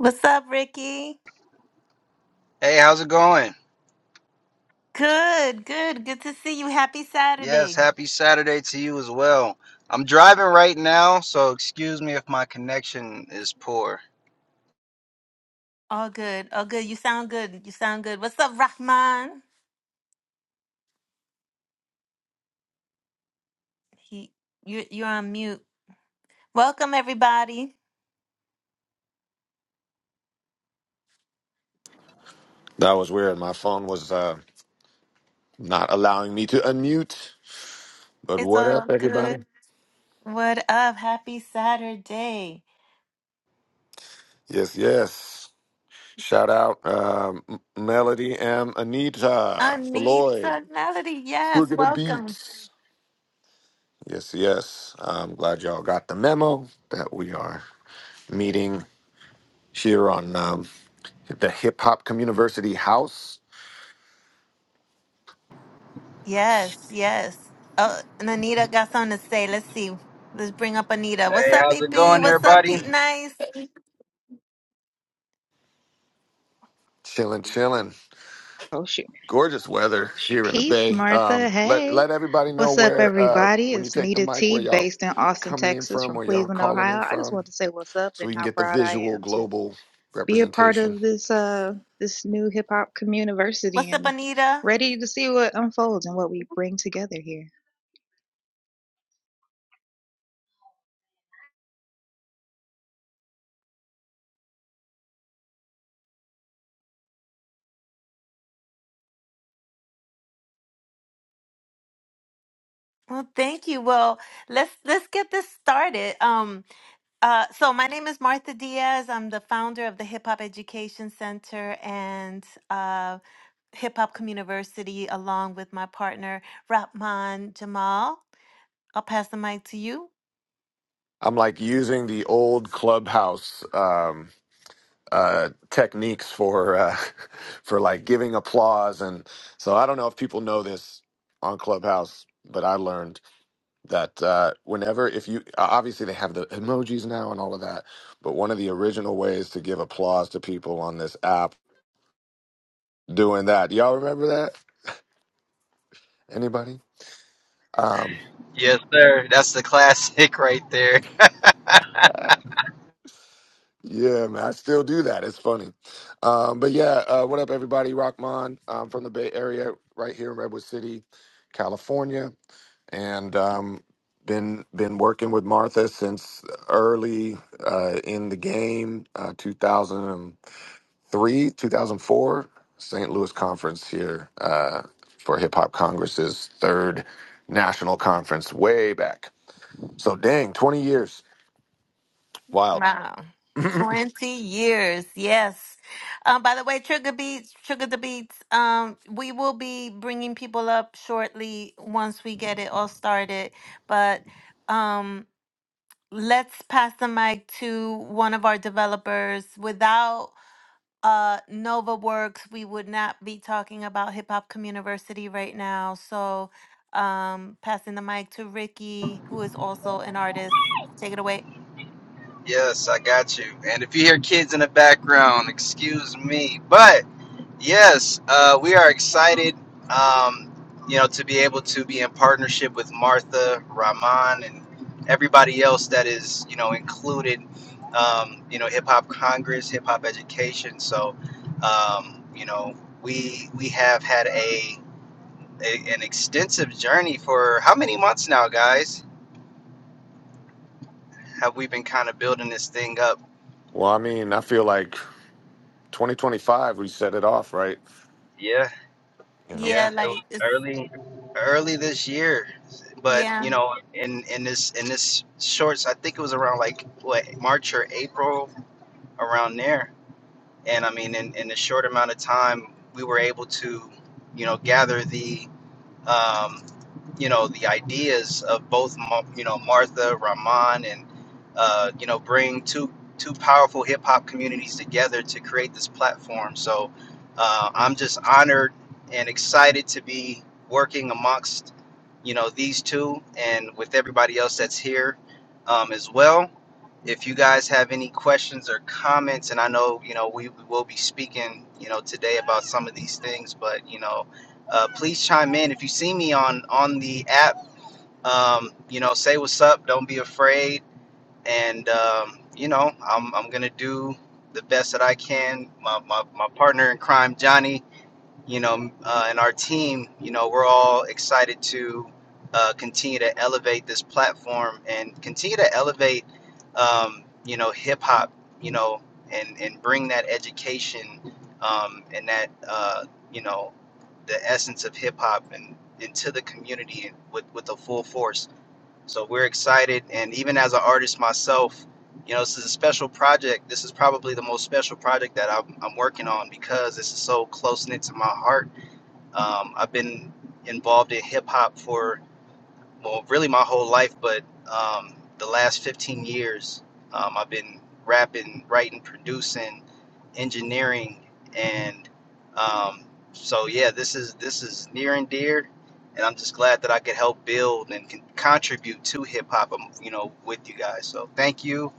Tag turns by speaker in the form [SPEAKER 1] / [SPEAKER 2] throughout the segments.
[SPEAKER 1] What's up, Ricky?
[SPEAKER 2] Hey, how's it going?
[SPEAKER 1] Good, good, good to see you. Happy
[SPEAKER 2] Yes,
[SPEAKER 1] Saturday.
[SPEAKER 2] happy Saturday to you as well. I'm driving right now, so excuse me if my connection is poor.
[SPEAKER 1] All good, all good. You sound good. You sound good. What's up, Rahman? He, you, are you're on mute. Welcome, everybody.
[SPEAKER 3] That was weird. My phone was uh, not allowing me to unmute. But
[SPEAKER 1] It's
[SPEAKER 3] what
[SPEAKER 1] all
[SPEAKER 3] up,
[SPEAKER 1] good.
[SPEAKER 3] everybody?
[SPEAKER 1] What up? Happy Saturday.
[SPEAKER 3] Yes, yes. Shout out um, M- Melody and Anita, Floyd,
[SPEAKER 1] Anita Melody. Yes,
[SPEAKER 3] Trigger the
[SPEAKER 1] welcome.
[SPEAKER 3] Beats. Yes, yes. I'm glad y'all got the memo that we are meeting here on um, the Hip Hop Community House.
[SPEAKER 1] Yes, yes. Oh, and Anita got something to say. Let's see. Let's bring up Anita. What's
[SPEAKER 2] Hey,
[SPEAKER 1] up,
[SPEAKER 2] how's it
[SPEAKER 1] EP?
[SPEAKER 2] going,
[SPEAKER 1] What's up, Pete
[SPEAKER 2] everybody?
[SPEAKER 1] Nice?
[SPEAKER 3] Chilling, chilling.
[SPEAKER 4] Oh shoot.
[SPEAKER 3] gorgeous weather here in the
[SPEAKER 4] Peace,
[SPEAKER 3] Bay.
[SPEAKER 4] Martha.
[SPEAKER 3] Um, let
[SPEAKER 4] Hey.
[SPEAKER 3] let everybody know
[SPEAKER 4] What's up,
[SPEAKER 3] where uh,
[SPEAKER 4] everybody?
[SPEAKER 3] when you
[SPEAKER 4] It's
[SPEAKER 3] take the
[SPEAKER 4] Nita
[SPEAKER 3] mic,
[SPEAKER 4] T,
[SPEAKER 3] where y'all
[SPEAKER 4] based in Austin,
[SPEAKER 3] coming in
[SPEAKER 4] Texas,
[SPEAKER 3] from,
[SPEAKER 4] from
[SPEAKER 3] where y'all
[SPEAKER 4] Cleveland,
[SPEAKER 3] calling in
[SPEAKER 4] Ohio. I just
[SPEAKER 3] from,
[SPEAKER 4] want to say what's up
[SPEAKER 3] so
[SPEAKER 4] and
[SPEAKER 3] we can
[SPEAKER 4] how
[SPEAKER 3] get the
[SPEAKER 4] proud I
[SPEAKER 3] visual
[SPEAKER 4] am to
[SPEAKER 3] global
[SPEAKER 4] be a part
[SPEAKER 3] representation.
[SPEAKER 4] of this uh this new hip hop community
[SPEAKER 1] What's up,
[SPEAKER 4] and
[SPEAKER 1] Anita?
[SPEAKER 4] ready to see what unfolds and what we bring together here.
[SPEAKER 1] Well, thank you. Well, let's let's get this started. Um, uh, so my name is Martha Diaz. I'm the founder of the Hip Hop Education Center and uh, Hip Hop Community, along with my partner Rapman Jamal. I'll pass the mic to you.
[SPEAKER 3] I'm like using the old clubhouse um, uh, techniques for uh, for like giving applause, and so I don't know if people know this on Clubhouse, but I learned that uh, whenever if you uh, obviously they have the emojis now and all of that but one of the original ways to give applause to people on this app doing that y'all remember that anybody um
[SPEAKER 2] Yes, sir. That's the classic right there.
[SPEAKER 3] yeah man i still do that it's funny um but yeah uh what up everybody rockman um from the bay area right here in redwood city california and um been been working with martha since early uh in the game uh 2000 three, 2004, St. Louis Conference here uh, for Hip Hop Congress's third national conference way back. So, dang, 20 years. Wild.
[SPEAKER 1] Wow. 20 years. Yes. Um, by the way, Trigger Beats, Trigger the Beats, um, we will be bringing people up shortly once we get it all started. But um, let's pass the mic to one of our developers. Without uh, Nova Works, we would not be talking about Hip Hop Communiversity right now. So um, passing the mic to Ricky, who is also an artist. Take it away.
[SPEAKER 2] Yes, I got you. And if you hear kids in the background, excuse me. But Yes, uh, we are excited, um, you know, to be able to be in partnership with Martha, Rahman, and everybody else that is, you know, included, um, you know, Hip Hop Congress, Hip Hop Education. So, um, you know, we we have had a, a an extensive journey for how many months now, guys? Have we been kind of building this thing up?
[SPEAKER 3] Well, I mean, I feel like 2025, we set it off, right?
[SPEAKER 2] Yeah,
[SPEAKER 3] You know?
[SPEAKER 2] yeah.
[SPEAKER 1] Yeah, like it's.
[SPEAKER 2] early this year but
[SPEAKER 1] yeah.
[SPEAKER 2] you know in in this in this shorts i think it was around like what march or april around there and i mean in in a short amount of time we were able to you know gather the um, you know the ideas of both Ma- you know Martha Rahman and uh, you know bring two two powerful hip hop communities together to create this platform. So uh, I'm just honored and excited to be working amongst you know these two and with everybody else that's here um, as well. If you guys have any questions or comments, and I know you know we we will be speaking you know today about some of these things, but you know uh, please chime in if you see me on on the app um, you know say what's up don't be afraid and um, you know i'm, I'm gonna do the best that i can my, my, my partner in crime johnny you know, uh, and our team, you know, we're all excited to uh, continue to elevate this platform and continue to elevate, um, you know, hip hop, you know, and and bring that education um, and that, uh, you know, the essence of hip hop and into the community with with a full force. So we're excited. And even as an artist myself, you know, this is a special project. This is probably the most special project that I'm, I'm working on because this is so close knit to my heart. Um, I've been involved in hip hop for, well, really my whole life, but um, the last 15 years, um, I've been rapping, writing, producing engineering and um, so yeah this is this is near and dear and i'm just glad that i could help build and con- contribute to hip-hop um, you know with you guys so thank you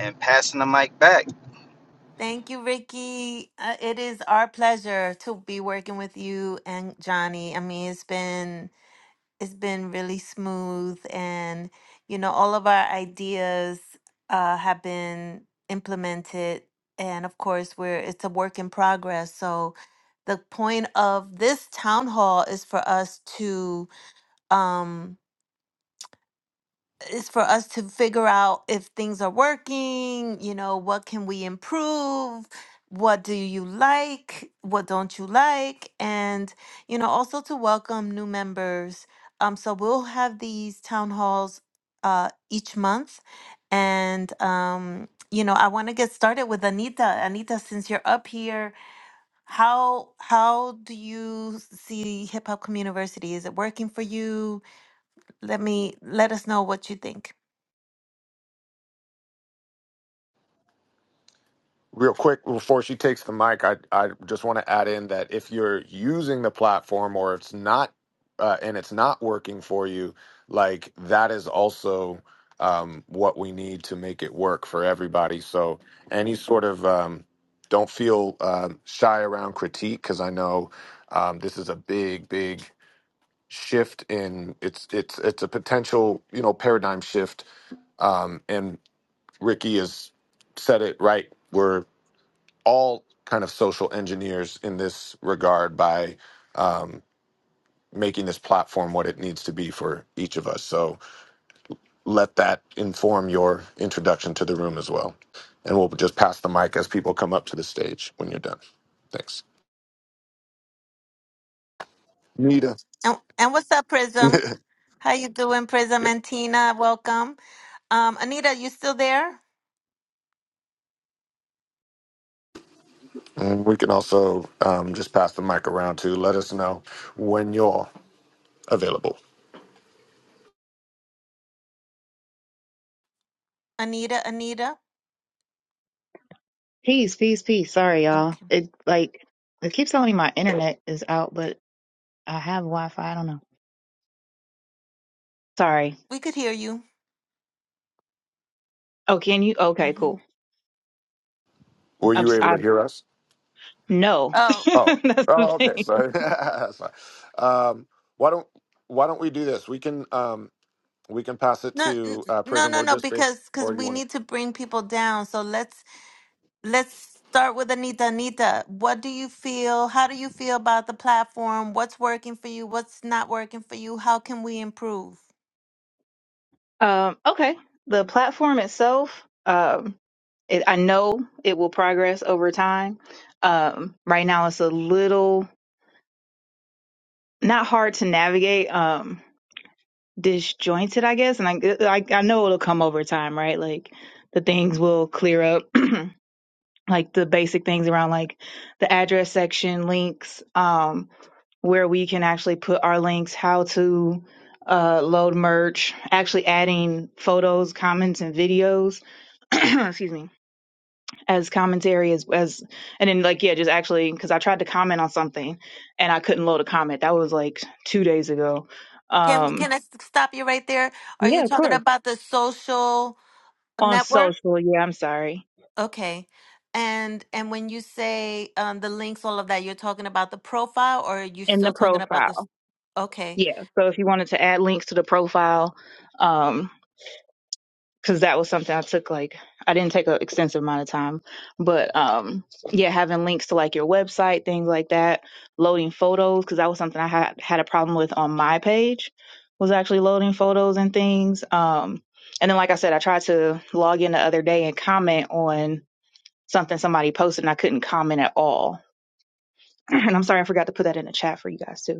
[SPEAKER 2] and passing the mic back
[SPEAKER 1] Thank you, Ricky. Uh, it is our pleasure to be working with you and Johnny. I mean, it's been it's been really smooth, and you know, all of our ideas uh, have been implemented. And of course, we're it's a work in progress. So the point of this town hall is for us to um, it's for us to figure out if things are working, you know, what can we improve? What do you like? What don't you like? And, you know, also to welcome new members. Um, so we'll have these town halls uh, each month. And, um, you know, I want to get started with Anita. Anita, since you're up here, how how do you see Hip Hop Community University? Is it working for you? Let me let us know what you think.
[SPEAKER 3] Real quick, before she takes the mic, I, I just want to add in that if you're using the platform or it's not uh, and it's not working for you, like that is also um, what we need to make it work for everybody. So any sort of um, don't feel um shy around critique because I know um, this is a big, big shift in it's it's it's a potential you know paradigm shift um, and Ricky has said it right. We're all kind of social engineers in this regard by um, making this platform what it needs to be for each of us. So let that inform your introduction to the room as well. And we'll just pass the mic as people come up to the stage when you're done. Thanks. Nita.
[SPEAKER 1] And, and what's up, Prism? How you doing, Prism and Tina? Welcome. Um, Anita, you still there?
[SPEAKER 3] And we can also um, just pass the mic around to let us know when you're available.
[SPEAKER 1] Anita, Anita.
[SPEAKER 4] Peace, peace, peace. Sorry, y'all.
[SPEAKER 1] Okay,
[SPEAKER 4] It like it keeps telling me my internet is out, but I have Wi-Fi. I don't know. Sorry.
[SPEAKER 1] we could hear you.
[SPEAKER 4] Oh, can you? Okay,
[SPEAKER 1] hmm
[SPEAKER 4] cool.
[SPEAKER 3] Were
[SPEAKER 4] I'm,
[SPEAKER 3] you
[SPEAKER 4] si
[SPEAKER 3] able to hear us?
[SPEAKER 4] No,
[SPEAKER 1] Oh
[SPEAKER 3] Oh,
[SPEAKER 4] that's the
[SPEAKER 3] oh, okay.
[SPEAKER 4] thing.
[SPEAKER 3] Sorry. Sorry. Um, why don't Why don't we do this? We can um, we can pass it
[SPEAKER 1] no, n- n-
[SPEAKER 3] to uh,
[SPEAKER 1] no,
[SPEAKER 3] Prism
[SPEAKER 1] no,
[SPEAKER 3] or
[SPEAKER 1] no,
[SPEAKER 3] just base,
[SPEAKER 1] because because
[SPEAKER 3] or do you
[SPEAKER 1] we
[SPEAKER 3] want
[SPEAKER 1] need to bring people down. So let's let's start with Anita. Anita, what do you feel? How do you feel about the platform? What's working for you? What's not working for you? How can we improve?
[SPEAKER 4] Um, okay, the platform itself, um, it, I know it will progress over time. Um, right now, it's a little not hard to navigate um disjointed i guess and I, I i know it'll come over time right like the things will clear up like the basic things around like the address section links um where we can actually put our links how to uh load merch actually adding photos comments and videos excuse me as commentary as as and then like yeah just actually because i tried to comment on something and i couldn't load a comment that was like two days ago
[SPEAKER 1] Can
[SPEAKER 4] um
[SPEAKER 1] can I s- stop you right there? Are you
[SPEAKER 4] yeah of
[SPEAKER 1] talking
[SPEAKER 4] course
[SPEAKER 1] about the social
[SPEAKER 4] on
[SPEAKER 1] network?
[SPEAKER 4] social yeah i'm sorry
[SPEAKER 1] Okay. And and when you say um, the links, all of that, you're talking about the profile, or you're
[SPEAKER 4] in the
[SPEAKER 1] still talking about this?
[SPEAKER 4] profile
[SPEAKER 1] Okay.
[SPEAKER 4] yeah so if you wanted to add links to the profile um because that was something I took like I didn't take an extensive amount of time, but um yeah, having links to like your website, things like that, loading photos because that was something I had had a problem with on my page was actually loading photos and things. Um, and then like I said, I tried to log in the other day and comment on something somebody posted and I couldn't comment at all. and I'm sorry I forgot to put that in the chat for you guys too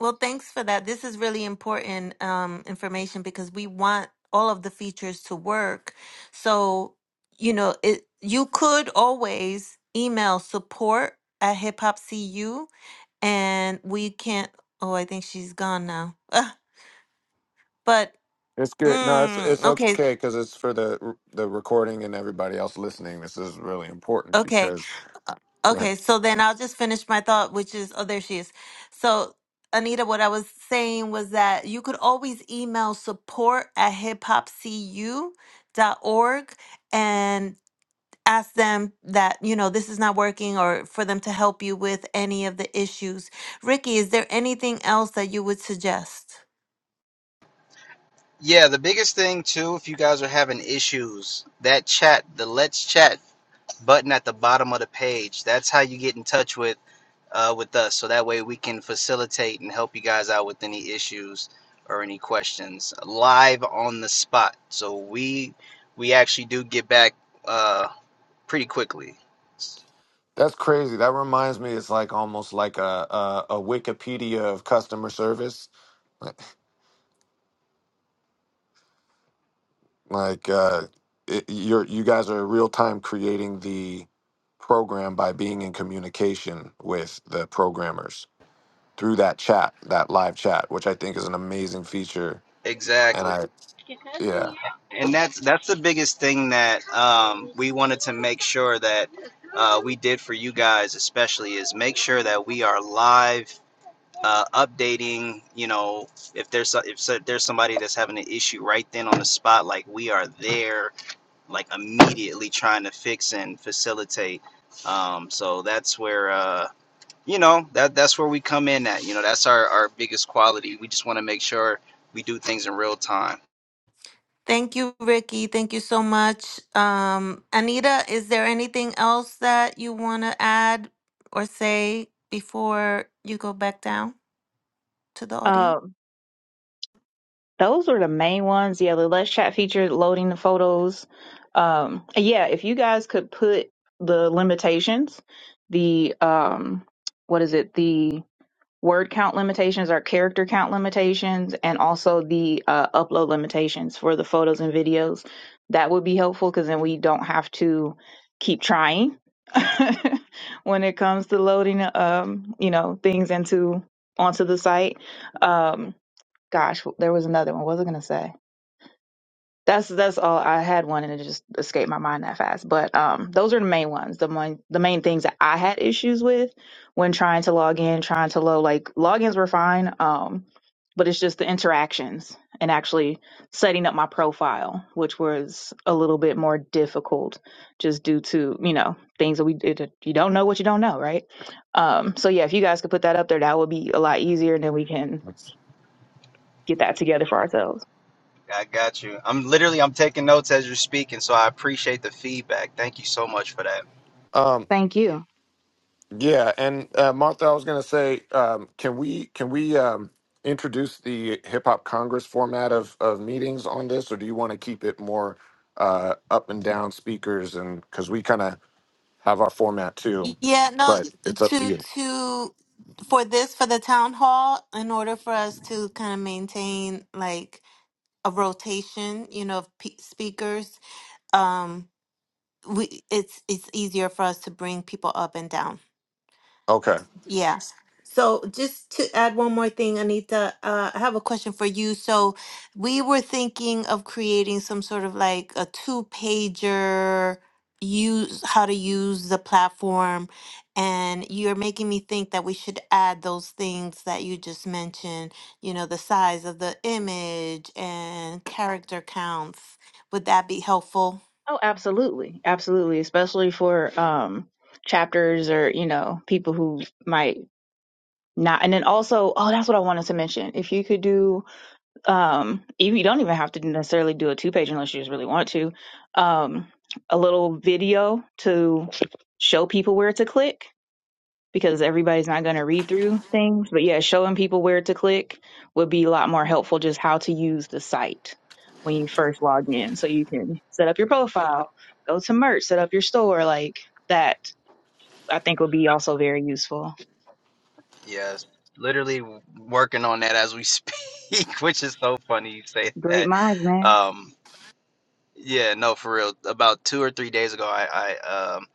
[SPEAKER 1] Well, thanks for that. This is really important um, information because we want all of the features to work. So, you know, it you could always email support at hip hop cu, and we can't. Oh, I think she's gone now. Ah, but
[SPEAKER 3] to. It's good. No, it's
[SPEAKER 1] mm,
[SPEAKER 3] it's
[SPEAKER 1] okay,
[SPEAKER 3] okay because it's for the the recording and everybody else listening. This is really important
[SPEAKER 1] okay.
[SPEAKER 3] because
[SPEAKER 1] Uh, Okay, so then I'll just finish my thought, which is, oh, there she is. So, Anita, what I was saying was that you could always email support at hiphopcu.org and ask them that, you know, this is not working or for them to help you with any of the issues. Ricky, is there anything else that you would suggest?
[SPEAKER 2] Yeah, the biggest thing too, if you guys are having issues, that chat, the let's chat button at the bottom of the page, that's how you get in touch with uh, with us. So that way we can facilitate and help you guys out with any issues or any questions live on the spot. So we we actually do get back uh, pretty quickly.
[SPEAKER 3] that's crazy. That reminds me. It's like almost like a a, a Wikipedia of customer service. Like uh, it, you're you guys are real time creating the program by being in communication with the programmers through that chat, that live chat, which I think is an amazing feature. And
[SPEAKER 2] Exactly.
[SPEAKER 3] I yeah.
[SPEAKER 2] That's that's the biggest thing that um, we wanted to make sure that uh, we did for you guys, especially, is make sure that we are live, uh, updating. You know, if there's so- if so- there's somebody that's having an issue right then on the spot, like we are there, like immediately trying to fix and facilitate. Um, so that's where uh, you know that that's where we come in at. You know, that's our our biggest quality. We just want to make sure we do things in real time
[SPEAKER 1] Thank you, Ricky. Thank you so much. Um, Anita, is there anything else that you want to add or say before you go back down to the audience?
[SPEAKER 4] um, those were the main ones. Yeah, the less chat feature, loading the photos. Um, yeah, if you guys could put the limitations, the um, what is it? The word count limitations or character count limitations and also the uh, upload limitations for the photos and videos. That would be helpful because then we don't have to keep trying when it comes to loading, um, you know, things into onto the site. Um, gosh, there was another one. What was I gonna say? That's that's all. I had one and it just escaped my mind that fast. But um, those are the main ones. The main the main things that I had issues with when trying to log in, trying to load like logins were fine. Um, but it's just the interactions and actually setting up my profile, which was a little bit more difficult, just due to you know things that we it, you don't know what you don't know, right? Um, so yeah, if you guys could put that up there, that would be a lot easier, and then we can get that together for ourselves.
[SPEAKER 2] I got you. I'm literally I'm taking notes as you're speaking, so I appreciate the feedback. Thank you so much for that.
[SPEAKER 3] Um,
[SPEAKER 4] Thank you.
[SPEAKER 3] yeah, and uh, Martha, I was gonna say, um, can we can we um, introduce the Hip Hop Congress format of of meetings on this, or do you want to keep it more uh, up and down speakers? And because we kind of have our format too,
[SPEAKER 1] Yeah, no,
[SPEAKER 3] but it's up to
[SPEAKER 1] to
[SPEAKER 3] you.
[SPEAKER 1] to for this for the town hall, in order for us to kind of maintain like a rotation, you know, of pe- speakers, um, we it's it's easier for us to bring people up and down.
[SPEAKER 3] Okay.
[SPEAKER 1] Yeah. So just to add one more thing, Anita, uh, I have a question for you. So we were thinking of creating some sort of like a two-pager use how to use the platform. And you're making me think that we should add those things that you just mentioned, you know, the size of the image and character counts. Would that be helpful?
[SPEAKER 4] Oh, absolutely. Absolutely. Especially for um chapters or, you know, people who might not and then also, oh, that's what I wanted to mention. If you could do um you you don't even have to necessarily do a two page unless you just really want to. Um a little video to show people where to click because everybody's not going to read through things. But yeah, showing people where to click would be a lot more helpful just how to use the site when you first log in. So you can set up your profile, go to merch, set up your store. Like that, I think would be also very useful.
[SPEAKER 2] Yes, literally working on that as we speak, which is so funny you say
[SPEAKER 4] Great
[SPEAKER 2] that.
[SPEAKER 4] minds, man.
[SPEAKER 2] Um, yeah, no, for real. About two or three days ago, I, I um,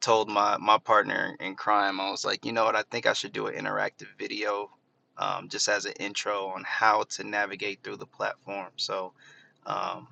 [SPEAKER 2] told my my partner in crime, I was like, you know what? I think I should do an interactive video, um, just as an intro on how to navigate through the platform. So, um,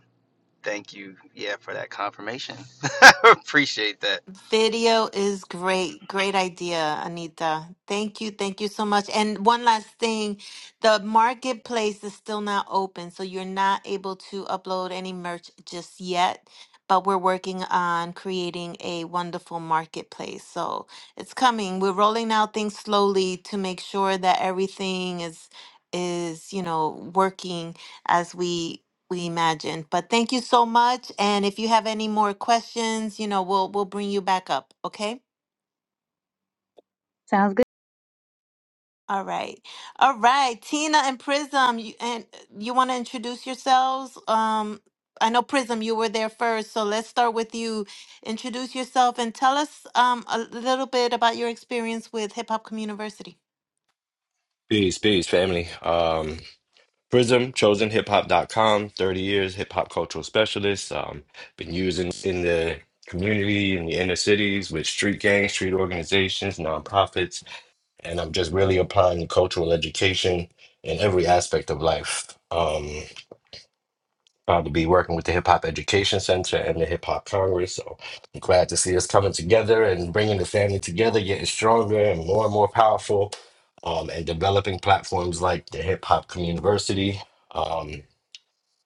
[SPEAKER 2] thank you, yeah, for that confirmation. Appreciate that.
[SPEAKER 1] Video is great. Great idea, Anita. Thank you. Thank you so much. And one last thing, the marketplace is still not open, so you're not able to upload any merch just yet, but we're working on creating a wonderful marketplace. So it's coming. We're rolling out things slowly to make sure that everything is is, you know, working as we we imagine. But thank you so much. And if you have any more questions, you know, we'll we'll bring you back up. Okay.
[SPEAKER 4] Sounds good.
[SPEAKER 1] All right. All right. Tina and Prism, you and you want to introduce yourselves? Um, I know Prism, you were there first, so let's start with you. Introduce yourself and tell us um a little bit about your experience with Hip Hop Community.
[SPEAKER 5] Peace, peace, family. Um, Prism, chosenhiphop.com, 30 years hip hop cultural specialist. Um, been using in the community, in the inner cities, with street gangs, street organizations, nonprofits, and I'm just really applying cultural education in every aspect of life. Um, uh, to be working with the Hip Hop Education Center and the Hip Hop Congress. So I'm glad to see us coming together and bringing the family together, getting stronger and more and more powerful, um, and developing platforms like the Hip Hop Community. Um,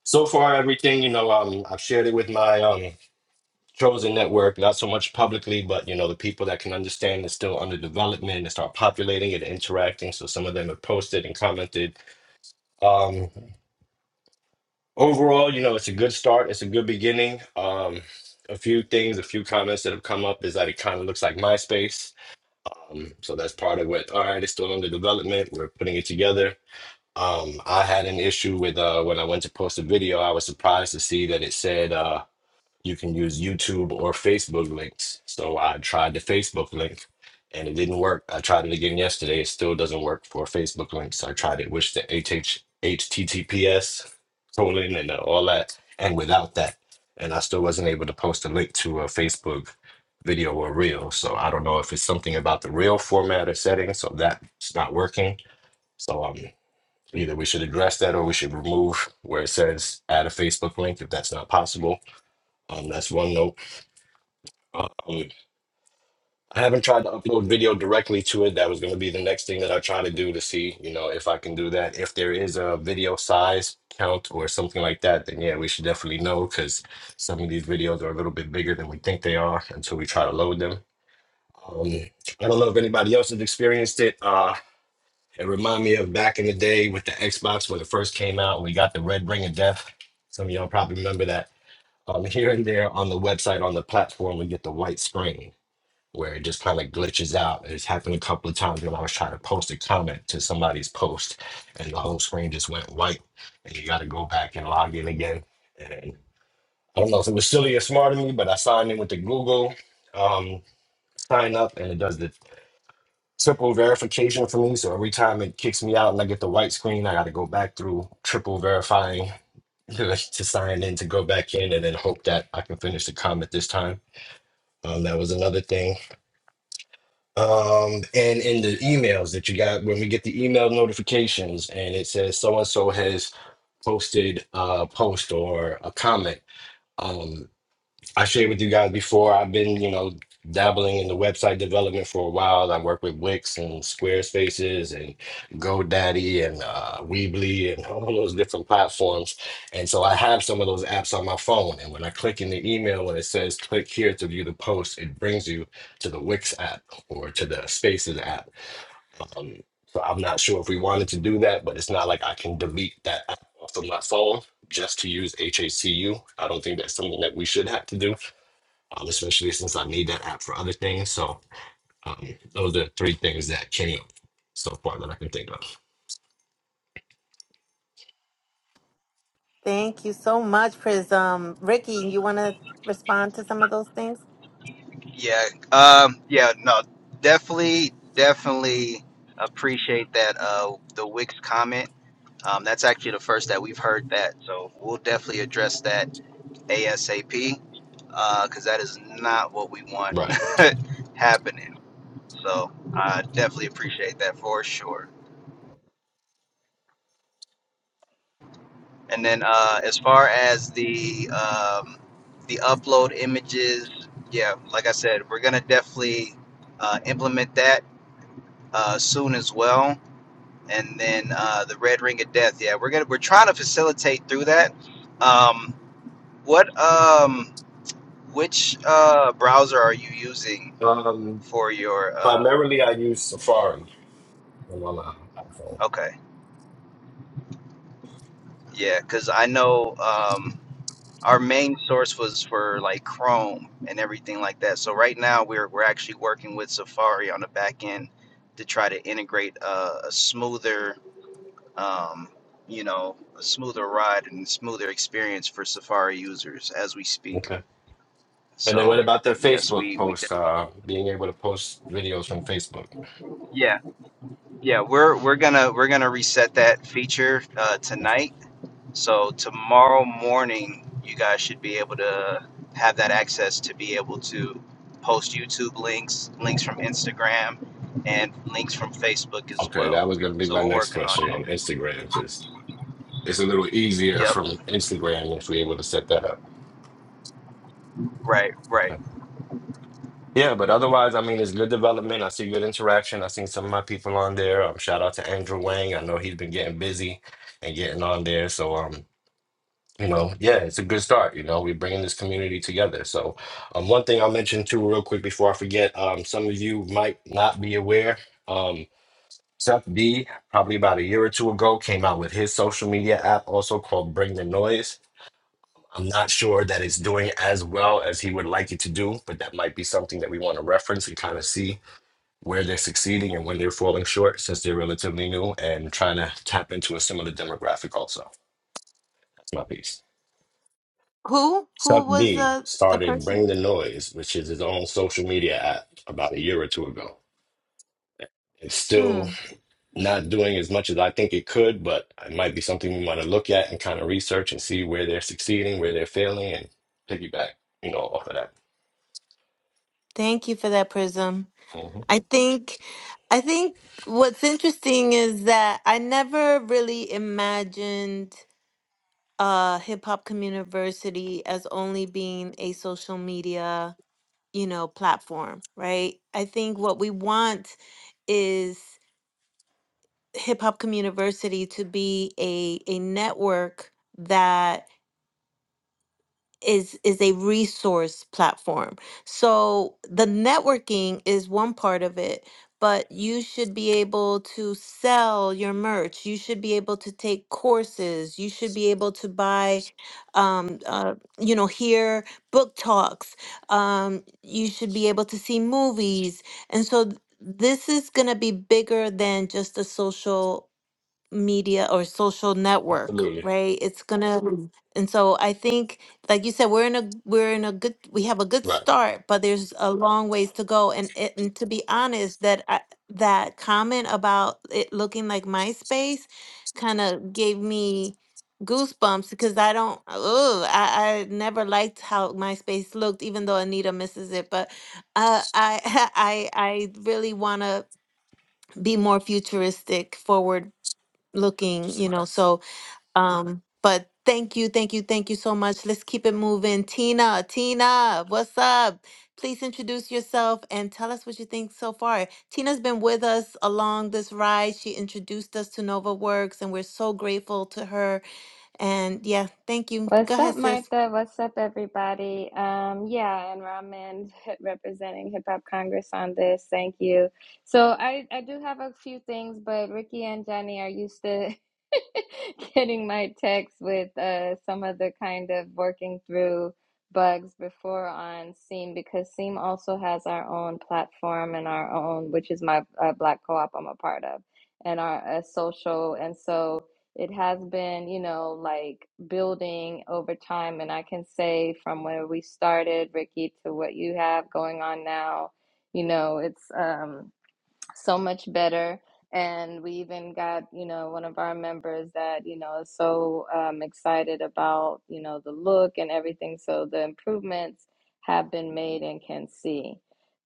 [SPEAKER 5] so far, everything you know, um, I've shared it with my um, chosen network, not so much publicly, but you know, the people that can understand is still under development and start populating it, interacting. So some of them have posted and commented. Um, overall, you know, it's a good start. It's a good beginning. Um, a few things, a few comments that have come up is that it kind of looks like MySpace. Um, so that's part of what, all right, it's still under development. We're putting it together. Um, I had an issue with uh, when I went to post a video, I was surprised to see that it said. uh, you can use YouTube or Facebook links. So I tried the Facebook link and it didn't work. I tried it again yesterday. It still doesn't work for Facebook links. I tried it with the HH, colon and uh, all that and without that. And I still wasn't able to post a link to a Facebook video or reel. So I don't know if it's something about the reel format or setting. So that's not working. So um, either we should address that or we should remove where it says add a Facebook link if that's not possible. Um, that's one note. Um, I haven't tried to upload video directly to it. That was going to be the next thing that I try to do to see, you know, if I can do that. If there is a video size count or something like that, then yeah, we should definitely know because some of these videos are a little bit bigger than we think they are until we try to load them. Um, I don't know if anybody else has experienced it. Uh, it reminded me of back in the day with the Xbox when it first came out and we got the red ring of death. Some of y'all probably remember that. Um, here and there on the website, on the platform, we get the white screen where it just kind of glitches out. It's happened a couple of times when I was trying to post a comment to somebody's post and the whole screen just went white and you got to go back and log in again. And I don't know if it was silly or smart of me, but I signed in with the Google um, sign up and it does the triple verification for me. So every time it kicks me out and I get the white screen, I got to go back through triple verifying to sign in to go back in and then hope that I can finish the comment this time. Um, that was another thing. um and in the emails that you got when we get the email notifications and it says so and so has posted a post or a comment um, I shared with you guys before, I've been, you know, dabbling in the website development for a while. I work with Wix and Squarespaces and GoDaddy and uh, Weebly and all those different platforms. And so I have some of those apps on my phone. And when I click in the email, when it says click here to view the post, it brings you to the Wix app or to the Spaces app. Um, so I'm not sure if we wanted to do that, but it's not like I can delete that app off of my phone just to use HACU. I don't think that's something that we should have to do um, especially since I need that app for other things. So um, those are three things that came up so far that I can think of.
[SPEAKER 1] Thank you so much, Prism. Ricky, you want to respond to some of those things?
[SPEAKER 2] Yeah. Um, yeah, no, definitely, definitely appreciate that. Uh, the Wix comment. Um, that's actually the first that we've heard that. So we'll definitely address that ASAP because that is not what we want
[SPEAKER 5] Right.
[SPEAKER 2] happening. So I definitely appreciate that for sure. And then uh, as far as the um, the upload images, yeah, like I said, we're gonna definitely uh, implement that uh, soon as well, and then uh, the Red Ring of Death. Yeah, we're gonna we're trying to facilitate through that. Um, what um, which uh, browser are you using
[SPEAKER 5] Um,
[SPEAKER 2] for your? Uh,
[SPEAKER 5] primarily, I use Safari on my li- iPhone.
[SPEAKER 2] okay, yeah, because I know um, our main source was for like Chrome and everything like that. So right now we're we're actually working with Safari on the back end to try to integrate uh, a smoother um, you know, a smoother ride and smoother experience for Safari users as we speak.
[SPEAKER 5] Okay. And then what
[SPEAKER 2] So,
[SPEAKER 5] about the
[SPEAKER 2] yes,
[SPEAKER 5] Facebook
[SPEAKER 2] we we de-
[SPEAKER 5] post? Uh, being able to post videos from Facebook.
[SPEAKER 2] yeah yeah we're we're gonna we're gonna reset that feature uh, tonight. So tomorrow morning, you guys should be able to have that access to be able to post YouTube links, links from Instagram, and links from Facebook as
[SPEAKER 5] Okay,
[SPEAKER 2] well.
[SPEAKER 5] that was going to be
[SPEAKER 2] So
[SPEAKER 5] my
[SPEAKER 2] we're
[SPEAKER 5] next
[SPEAKER 2] working on
[SPEAKER 5] question
[SPEAKER 2] it.
[SPEAKER 5] on Instagram because it's a little easier
[SPEAKER 2] Yep,
[SPEAKER 5] from Instagram if we're able to set that up.
[SPEAKER 2] right, right.
[SPEAKER 5] Yeah, but otherwise, I mean, it's good development. I see good interaction. I seen some of my people on there. Um, shout out to Andrew Wang. I know he's been getting busy and getting on there. So, um, you know, yeah, it's a good start. You know, we're bringing this community together. So, um, one thing I'll mention too, real quick before I forget, um, some of you might not be aware. Um, Seth B, probably about a year or two ago, came out with his social media app, also called Bring the Noise. I'm not sure that it's doing as well as he would like it to do, but that might be something that we want to reference and kind of see where they're succeeding and when they're falling short since they're relatively new and trying to tap into a similar demographic also. That's my piece.
[SPEAKER 1] Who
[SPEAKER 5] Suck
[SPEAKER 1] who was
[SPEAKER 5] D
[SPEAKER 1] the the
[SPEAKER 5] started
[SPEAKER 1] person?
[SPEAKER 5] Bring the Noise, which is his own social media app about a year or two ago. It's
[SPEAKER 1] Hmm.
[SPEAKER 5] still not doing as much as I think it could, but it might be something we want to look at and kind of research and see where they're succeeding, where they're failing, and piggyback, you know, off of that.
[SPEAKER 1] Thank you for that, Prism.
[SPEAKER 5] hmm
[SPEAKER 1] I think, I think what's interesting is that I never really imagined uh, Hip Hop Communiversity as only being a social media, you know, platform, right? I think what we want is Hip Hop Communiversity to be a a network that. is is a resource platform. So the networking is one part of it, but you should be able to sell your merch. You should be able to take courses. You should be able to buy, um, uh, you know, hear book talks. Um, you should be able to see movies, and so. th- This is going to be bigger than just a social media or social network,
[SPEAKER 5] Absolutely.
[SPEAKER 1] right? It's gonna, Mhm. and so I think, like you said, we're in a we're in a good we have a good
[SPEAKER 5] Right.
[SPEAKER 1] start, but there's a long ways to go. And it, and to be honest, that I, that comment about it looking like MySpace kind of gave me goosebumps because I don't, oh, I, I never liked how MySpace looked, even though Anita misses it. But uh, I I I really wanna be more futuristic forward looking, you know.
[SPEAKER 5] Right.
[SPEAKER 1] So, um, but thank you, thank you, thank you so much. Let's keep it moving. Tina, Tina, what's up? Please introduce yourself and tell us what you think so far. Tina's been with us along this ride. She introduced us to Nova Works, and we're so grateful to her. And yeah, thank you. Go
[SPEAKER 6] What's
[SPEAKER 1] ahead,
[SPEAKER 6] up,
[SPEAKER 1] sis.
[SPEAKER 6] Martha? What's up, everybody? Um, yeah, and Raman representing Hip Hop Congress on this. Thank you. So I, I do have a few things, but Ricky and Johnny are used to getting my text with uh, some other kind of working through bugs before on Seam because Seam also has our own platform and our own, which is my uh, Black co-op I'm a part of, and our uh, social. And so it has been, you know, like building over time. And I can say from where we started, Ricky, to what you have going on now, you know, it's um so much better. And we even got, you know, one of our members that, you know, is so um, excited about, you know, the look and everything. So the improvements have been made and can see.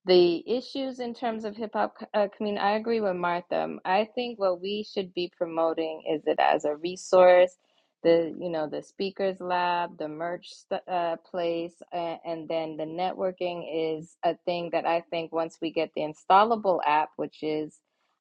[SPEAKER 6] The issues in terms of hip hop co- uh, community, I agree with Martha. I think what we should be promoting is it as a resource the you know the speakers lab the merch uh, place uh, and then the networking is a thing that i think once we get the installable app which is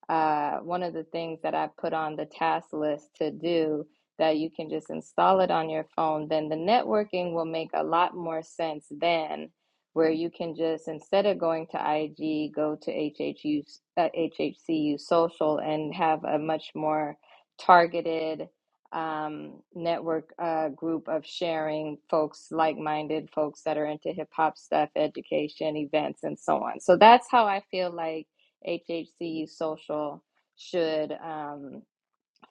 [SPEAKER 6] uh, one of the things that i put on the task list to do that you can just install it on your phone then the networking will make a lot more sense then where you can just instead of going to ig go to hhu uh, hhcu social and have a much more targeted um, network uh, group of sharing folks, like minded folks that are into hip hop stuff, education, events, and so on. So that's how I feel like HHCU Social should. Um,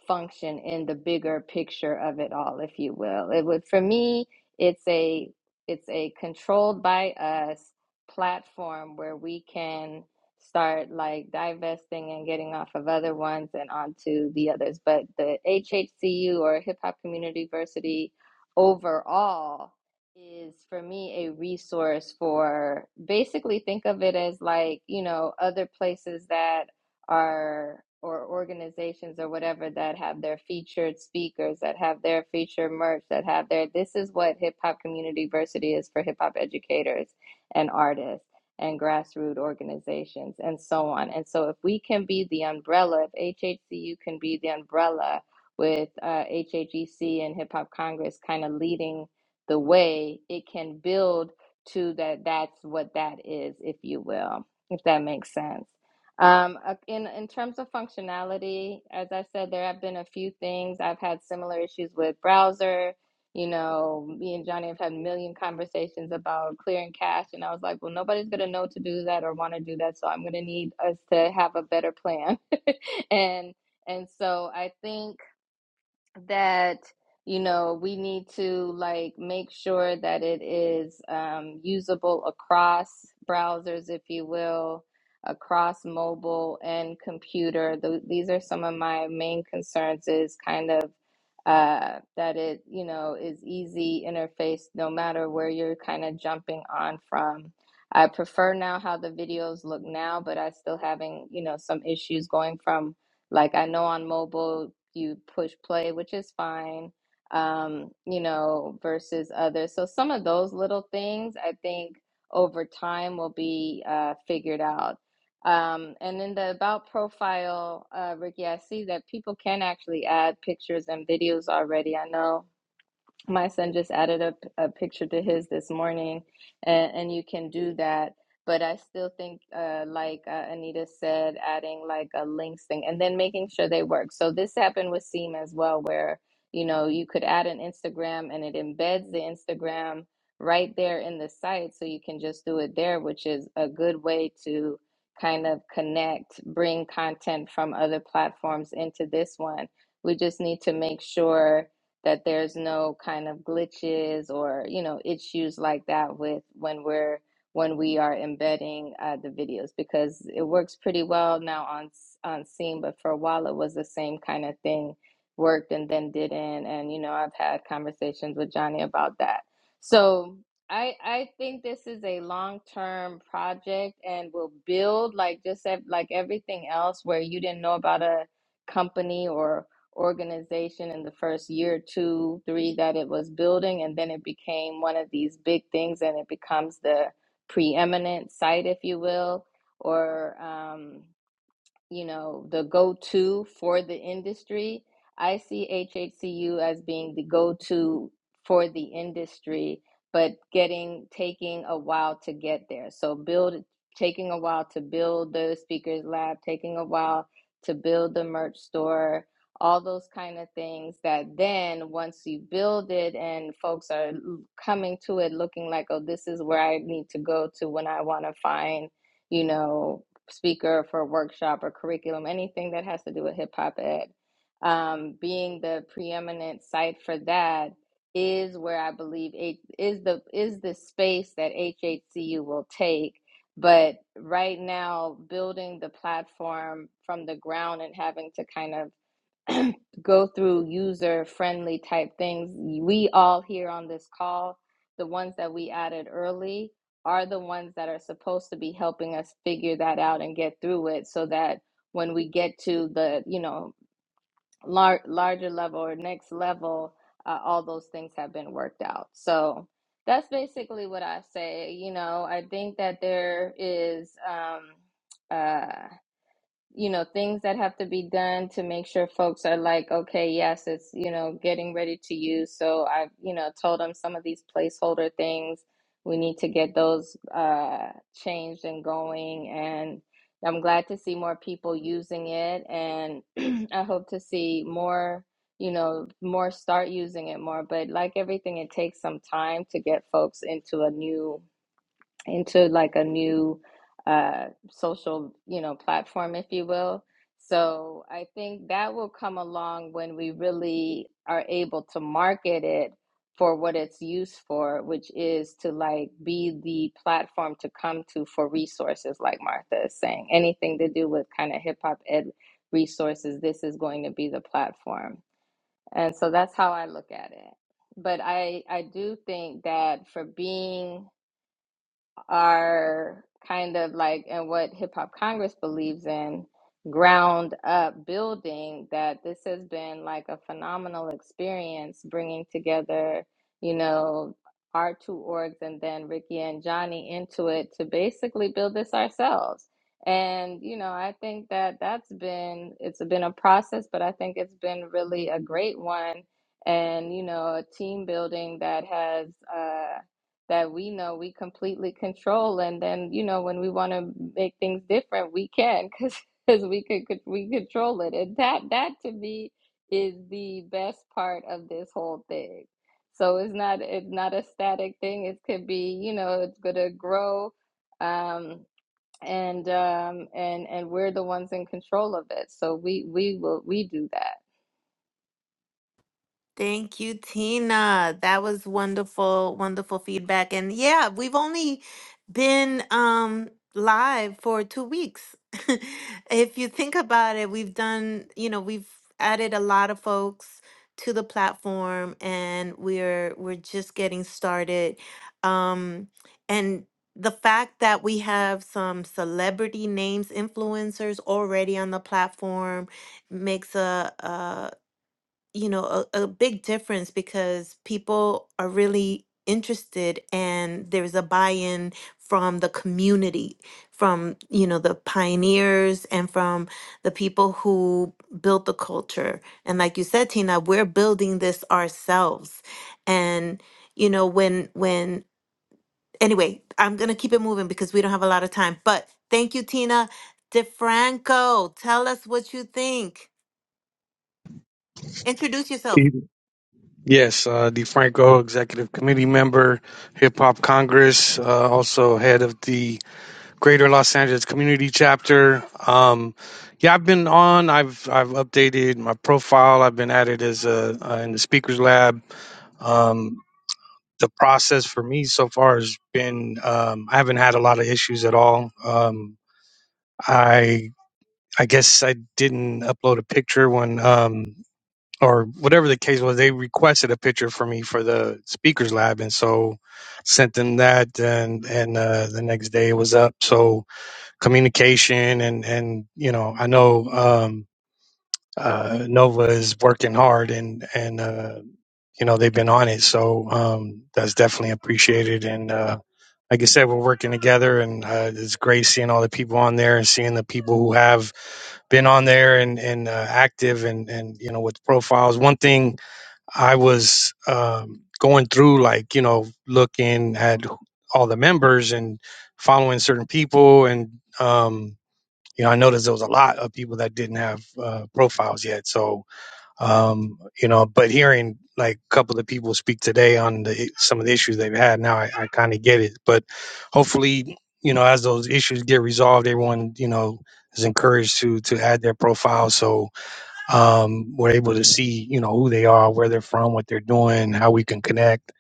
[SPEAKER 6] function in the bigger picture of it all, if you will. It would for me, it's a it's a controlled by us platform where we can start like divesting and getting off of other ones and onto the others. But the HHCU or Hip Hop Community University overall is for me a resource for basically think of it as like, you know, other places that are or organizations or whatever that have their featured speakers that have their featured merch that have their this is what hip hop community diversity is for hip hop educators and artists and grassroots organizations and so on and so if we can be the umbrella if HHCU can be the umbrella with uh, HHEC and Hip Hop Congress kind of leading the way it can build to that that's what that is if you will if that makes sense um, uh, in in terms of functionality, as I said, there have been a few things. I've had similar issues with browser. You know, me and Johnny have had a million conversations about clearing cache, and I was like, well, nobody's going to know to do that or want to do that, so I'm going to need us to have a better plan. and and so I think that you know we need to like make sure that it is um, usable across browsers if you will across mobile and computer Tho- these are some of my main concerns is kind of uh, that it you know is easy interface no matter where you're kind of jumping on from i prefer now how the videos look now but i still having you know some issues going from like I know on mobile you push play, which is fine, um, you know, versus others. So some of those little things I think over time will be uh, figured out. Um, and in the about profile, uh, Ricky, I see that people can actually add pictures and videos already. I know my son just added a a picture to his this morning and, and you can do that but i still think uh, like uh, anita said adding like a links thing and then making sure they work so this happened with seam as well where you know you could add an instagram and it embeds the instagram right there in the site so you can just do it there which is a good way to kind of connect bring content from other platforms into this one we just need to make sure that there's no kind of glitches or you know issues like that with when we're when we are embedding uh, the videos because it works pretty well now on on Seam, but for a while it was the same kind of thing worked and then didn't and you know I've had conversations with Johnny about that so I I think this is a long-term project and will build like just like everything else where you didn't know about a company or organization in the first year, two, three that it was building, and then it became one of these big things, and it becomes the preeminent site, if you will, or um you know, the go-to for the industry. I see HHCU as being the go-to for the industry, but getting taking a while to get there. So build taking a while to build the speakers lab, taking a while to build the merch store, all those kind of things that then once you build it and folks are coming to it looking like, oh, this is where I need to go to when I want to find, you know, speaker for a workshop or curriculum, anything that has to do with hip hop ed. Um, being the preeminent site for that is where I believe it is the is the space that HHCU will take. But right now, building the platform from the ground and having to kind of go through user friendly type things. We all here on this call, the ones that we added early, are the ones that are supposed to be helping us figure that out and get through it so that when we get to the, you know, lar- larger level or next level, uh, all those things have been worked out. So that's basically what I say. You know, I think that there is, um, uh, you know things that have to be done to make sure folks are like okay yes it's you know getting ready to use so i you know told them some of these placeholder things we need to get those uh changed and going and i'm glad to see more people using it and i hope to see more you know more start using it more but like everything it takes some time to get folks into a new into like a new uh, social, you know, platform, if you will. So I think that will come along when we really are able to market it for what it's used for, which is to like be the platform to come to for resources, like Martha is saying. Anything to do with kind of hip hop ed resources, this is going to be the platform. And so that's how I look at it. But I I do think that for being are kind of like and what Hip Hop Congress believes in ground up building that this has been like a phenomenal experience bringing together you know our two orgs and then Ricky and Johnny into it to basically build this ourselves and you know I think that that's been it's been a process but I think it's been really a great one and you know a team building that has uh, that we know we completely control and then you know when we want to make things different we can because we could could- we control it and that that to me is the best part of this whole thing so it's not it's not a static thing it could be you know it's gonna grow um and um and and we're the ones in control of it so we we will we do that
[SPEAKER 1] Thank you, Tina. That was wonderful, wonderful feedback. And yeah, we've only been um live for two weeks. If you think about it, we've done, you know, we've added a lot of folks to the platform and we're we're just getting started. Um and the fact that we have some celebrity names, influencers already on the platform makes a, you know a, a big difference because people are really interested and there's a buy-in from the community from you know the pioneers and from the people who built the culture and like you said tina we're building this ourselves and you know when when anyway i'm gonna keep it moving because we don't have a lot of time but thank you tina defranco tell us what you think introduce yourself
[SPEAKER 7] He- Yes, uh, DeFranco, executive committee member, Hip Hop Congress, uh, also head of the Greater Los Angeles Community Chapter. Um, yeah, I've been on. I've I've updated my profile. I've been at it as a uh, in the Speakers Lab. Um, the process for me so far has been um, I haven't had a lot of issues at all. Um, I I guess I didn't upload a picture when. Um, or whatever the case was, they requested a picture for me for the speakers lab, and so sent them that, and and uh, the next day it was up. So communication and and you know, I know um, uh, Nova is working hard, and and uh, you know they've been on it, so um, that's definitely appreciated. And uh, like I said, we're working together, and uh, it's great seeing all the people on there and seeing the people who have been on there and and uh, active and and you know with profiles. One thing I was um, going through, like, you know, looking at all the members and following certain people. And, um, you know, I noticed there was a lot of people that didn't have uh, profiles yet. So, um, you know, but hearing like a couple of people speak today on the, some of the issues they've had now, I, I kind of get it. But hopefully, you know, as those issues get resolved, everyone, you know, is encouraged to to add their profile. So, um, we're able to see you know who they are, where they're from, what they're doing, how we can connect.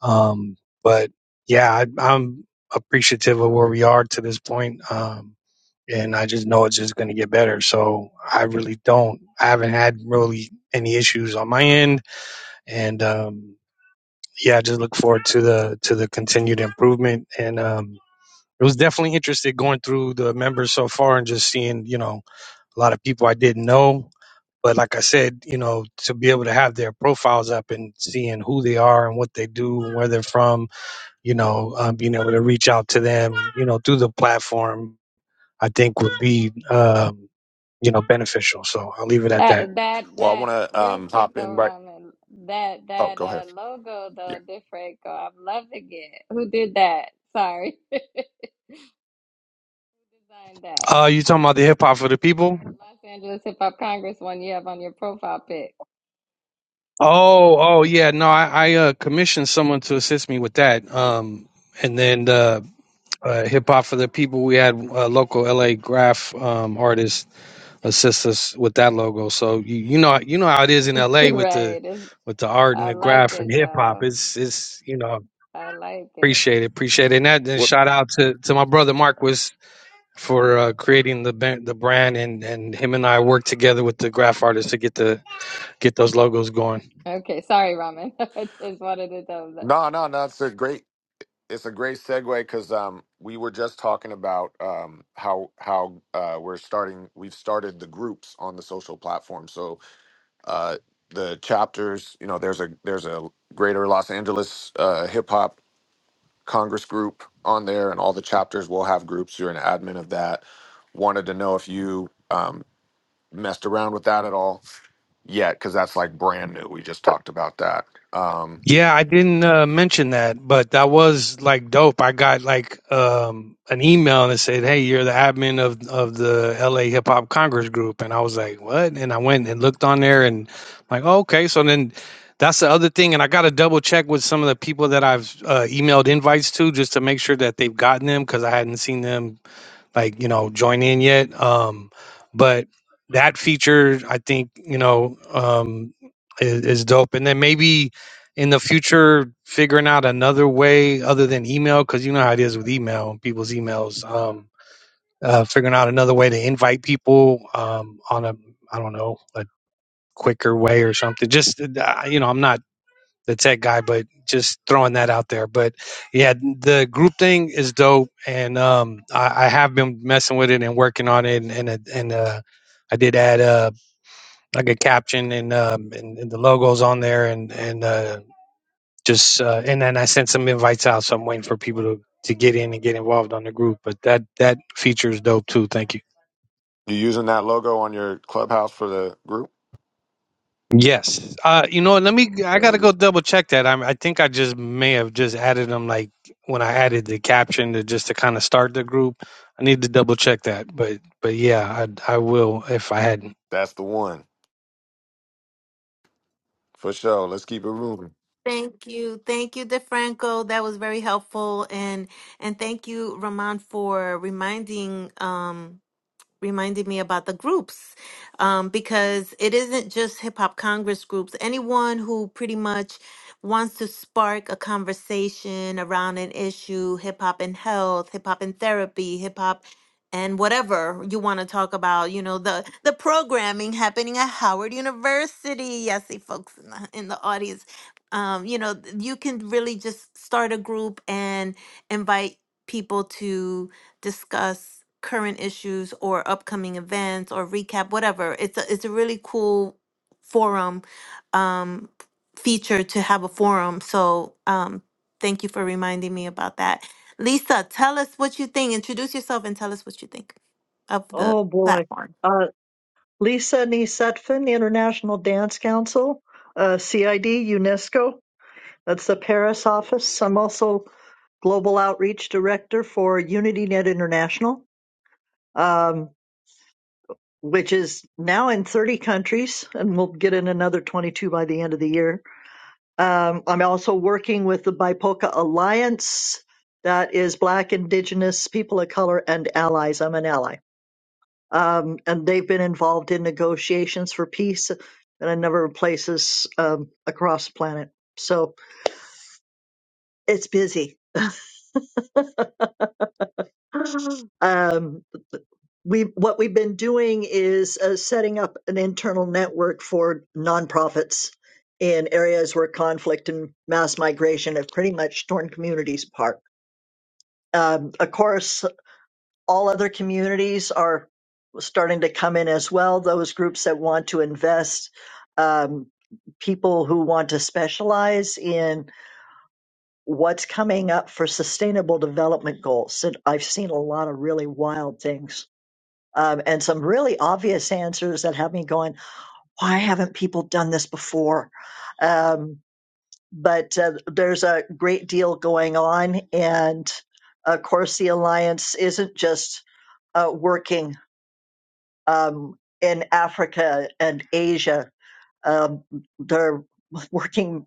[SPEAKER 7] Um, but yeah, I, I'm appreciative of where we are to this point, um, and I just know it's just going to get better. So I really don't, I haven't had really any issues on my end, and um, yeah, I just look forward to the to the continued improvement and. Um, it was definitely interesting going through the members so far and just seeing, you know, a lot of people I didn't know but like I said, you know, to be able to have their profiles up and seeing who they are and what they do and where they're from, you know, um, being able to reach out to them, you know, through the platform, I think would be, um, you know, beneficial. So I'll leave it at that.
[SPEAKER 6] That that
[SPEAKER 3] Well, I
[SPEAKER 6] that
[SPEAKER 3] want to
[SPEAKER 6] real
[SPEAKER 3] um,
[SPEAKER 6] quick
[SPEAKER 3] hop
[SPEAKER 6] though,
[SPEAKER 3] in right.
[SPEAKER 6] Ramen. That
[SPEAKER 3] Oh,
[SPEAKER 6] that
[SPEAKER 3] go ahead.
[SPEAKER 6] uh logo though,
[SPEAKER 3] Yeah.
[SPEAKER 6] Defraco. I'm loving it. Who did that? Sorry. Who designed that?
[SPEAKER 7] Uh, you talking about the hip hop for the people?
[SPEAKER 6] No, the Los Angeles Hip Hop Congress one you have on your profile pic.
[SPEAKER 7] Oh, oh yeah. No, I, I uh, commissioned someone to assist me with that.
[SPEAKER 6] I,
[SPEAKER 7] Um, and then uh, uh, hip hop for the people. We had a local LA graph um, artist assist us with that logo. So you, you know you know how it is in LA with the
[SPEAKER 6] right. It's,
[SPEAKER 7] with the art and
[SPEAKER 6] I
[SPEAKER 7] the
[SPEAKER 6] like
[SPEAKER 7] graph and
[SPEAKER 6] it
[SPEAKER 7] hip hop.
[SPEAKER 6] though.
[SPEAKER 7] It's it's you know
[SPEAKER 6] I like it.
[SPEAKER 7] appreciate it appreciate it. And that and
[SPEAKER 3] What?
[SPEAKER 7] shout out to to my brother Marquis for uh, creating the ban- the brand and and him and I work together with the graph artists to get the get those logos going.
[SPEAKER 6] Okay, sorry, Ramen. I just wanted to know that.
[SPEAKER 3] No, no, no. It's a great. It's a great segue because um, we were just talking about um, how how uh, we're starting. We've started the groups on the social platform. So uh, the chapters. You know, there's a there's a Greater Los Angeles uh, Hip Hop Congress group on there, and all the chapters will have groups. You're an admin of that. Wanted to know if you. um. messed around with that at all yet because that's like brand new. We just talked about that. Um,
[SPEAKER 7] Yeah, I didn't uh, mention that, but that was like dope. I got like um, an email and it said, "Hey, you're the admin of of the LA Hip Hop Congress Group," and I was like, "What?" And I went and looked on there, and like, oh, okay. So then that's the other thing, and I got to double check with some of the people that I've uh, emailed invites to just to make sure that they've gotten them because I hadn't seen them like you know join in yet um but that feature i think you know um is, is dope and then maybe in the future figuring out another way other than email because you know how it is with email people's emails um uh figuring out another way to invite people um on a i don't know a quicker way or something just uh, you know i'm not the tech guy, but just throwing that out there. But yeah, the group thing is dope, and um, I, I have been messing with it and working on it, and and, and uh, I did add uh, like a caption and um, and, and the logos on there, and and uh, just uh, and then I sent some invites out, so I'm waiting for people to to get in and get involved on the group. But that that feature is dope too. Thank you.
[SPEAKER 3] you using that logo on your clubhouse for the group?
[SPEAKER 7] Yes. Uh, you know, what, let me. I
[SPEAKER 3] There
[SPEAKER 7] gotta
[SPEAKER 3] you.
[SPEAKER 7] go
[SPEAKER 3] go.
[SPEAKER 7] double check that. I, I think I just may have just added them, like when I added the caption to just to kind of start the group. I need to double check that, but but yeah, I I will if I hadn't.
[SPEAKER 3] That's the one for sure. Let's keep it moving.
[SPEAKER 1] Thank you. Thank you, DeFranco. That was very helpful. And and thank you, Ramon, for reminding um Reminded me about the groups um, because it isn't just hip hop Congress groups. Anyone who pretty much wants to spark a conversation around an issue, hip hop and health, hip hop and therapy, hip hop and whatever you want to talk about, you know, the the programming happening at Howard University. Yes, see folks in the, in the audience. Um, you know, you can really just start a group and invite people to discuss current issues or upcoming events or recap whatever it's a, it's a really cool forum um feature to have a forum so um thank you for reminding me about that lisa tell us what you think introduce yourself and tell us what you think of the
[SPEAKER 8] Oh boy.
[SPEAKER 1] platform
[SPEAKER 8] Uh, Lisa Nisetfin, International Dance Council, uh, CID, UNESCO. That's the Paris office. I'm also Global Outreach Director for UnityNet International, um, which is now in 30 countries, and we'll get in another 22 by the end of the year. Um, I'm also working with the BIPOCA Alliance, that is Black, Indigenous, People of Color, and Allies. I'm an ally um, and they've been involved in negotiations for peace in a number of places um, across the planet. So it's busy. Um, we what we've been doing is uh, setting up an internal network for nonprofits in areas where conflict and mass migration have pretty much torn communities apart. Um, of course, all other communities are starting to come in as well. Those groups that want to invest, um, people who want to specialize in what's coming up for sustainable development goals. And I've seen a lot of really wild things. Um, and some really obvious answers that have me going, why haven't people done this before? Um, but uh, there's a great deal going on. And of course, the Alliance isn't just uh, working um, in Africa and Asia. Um, they're working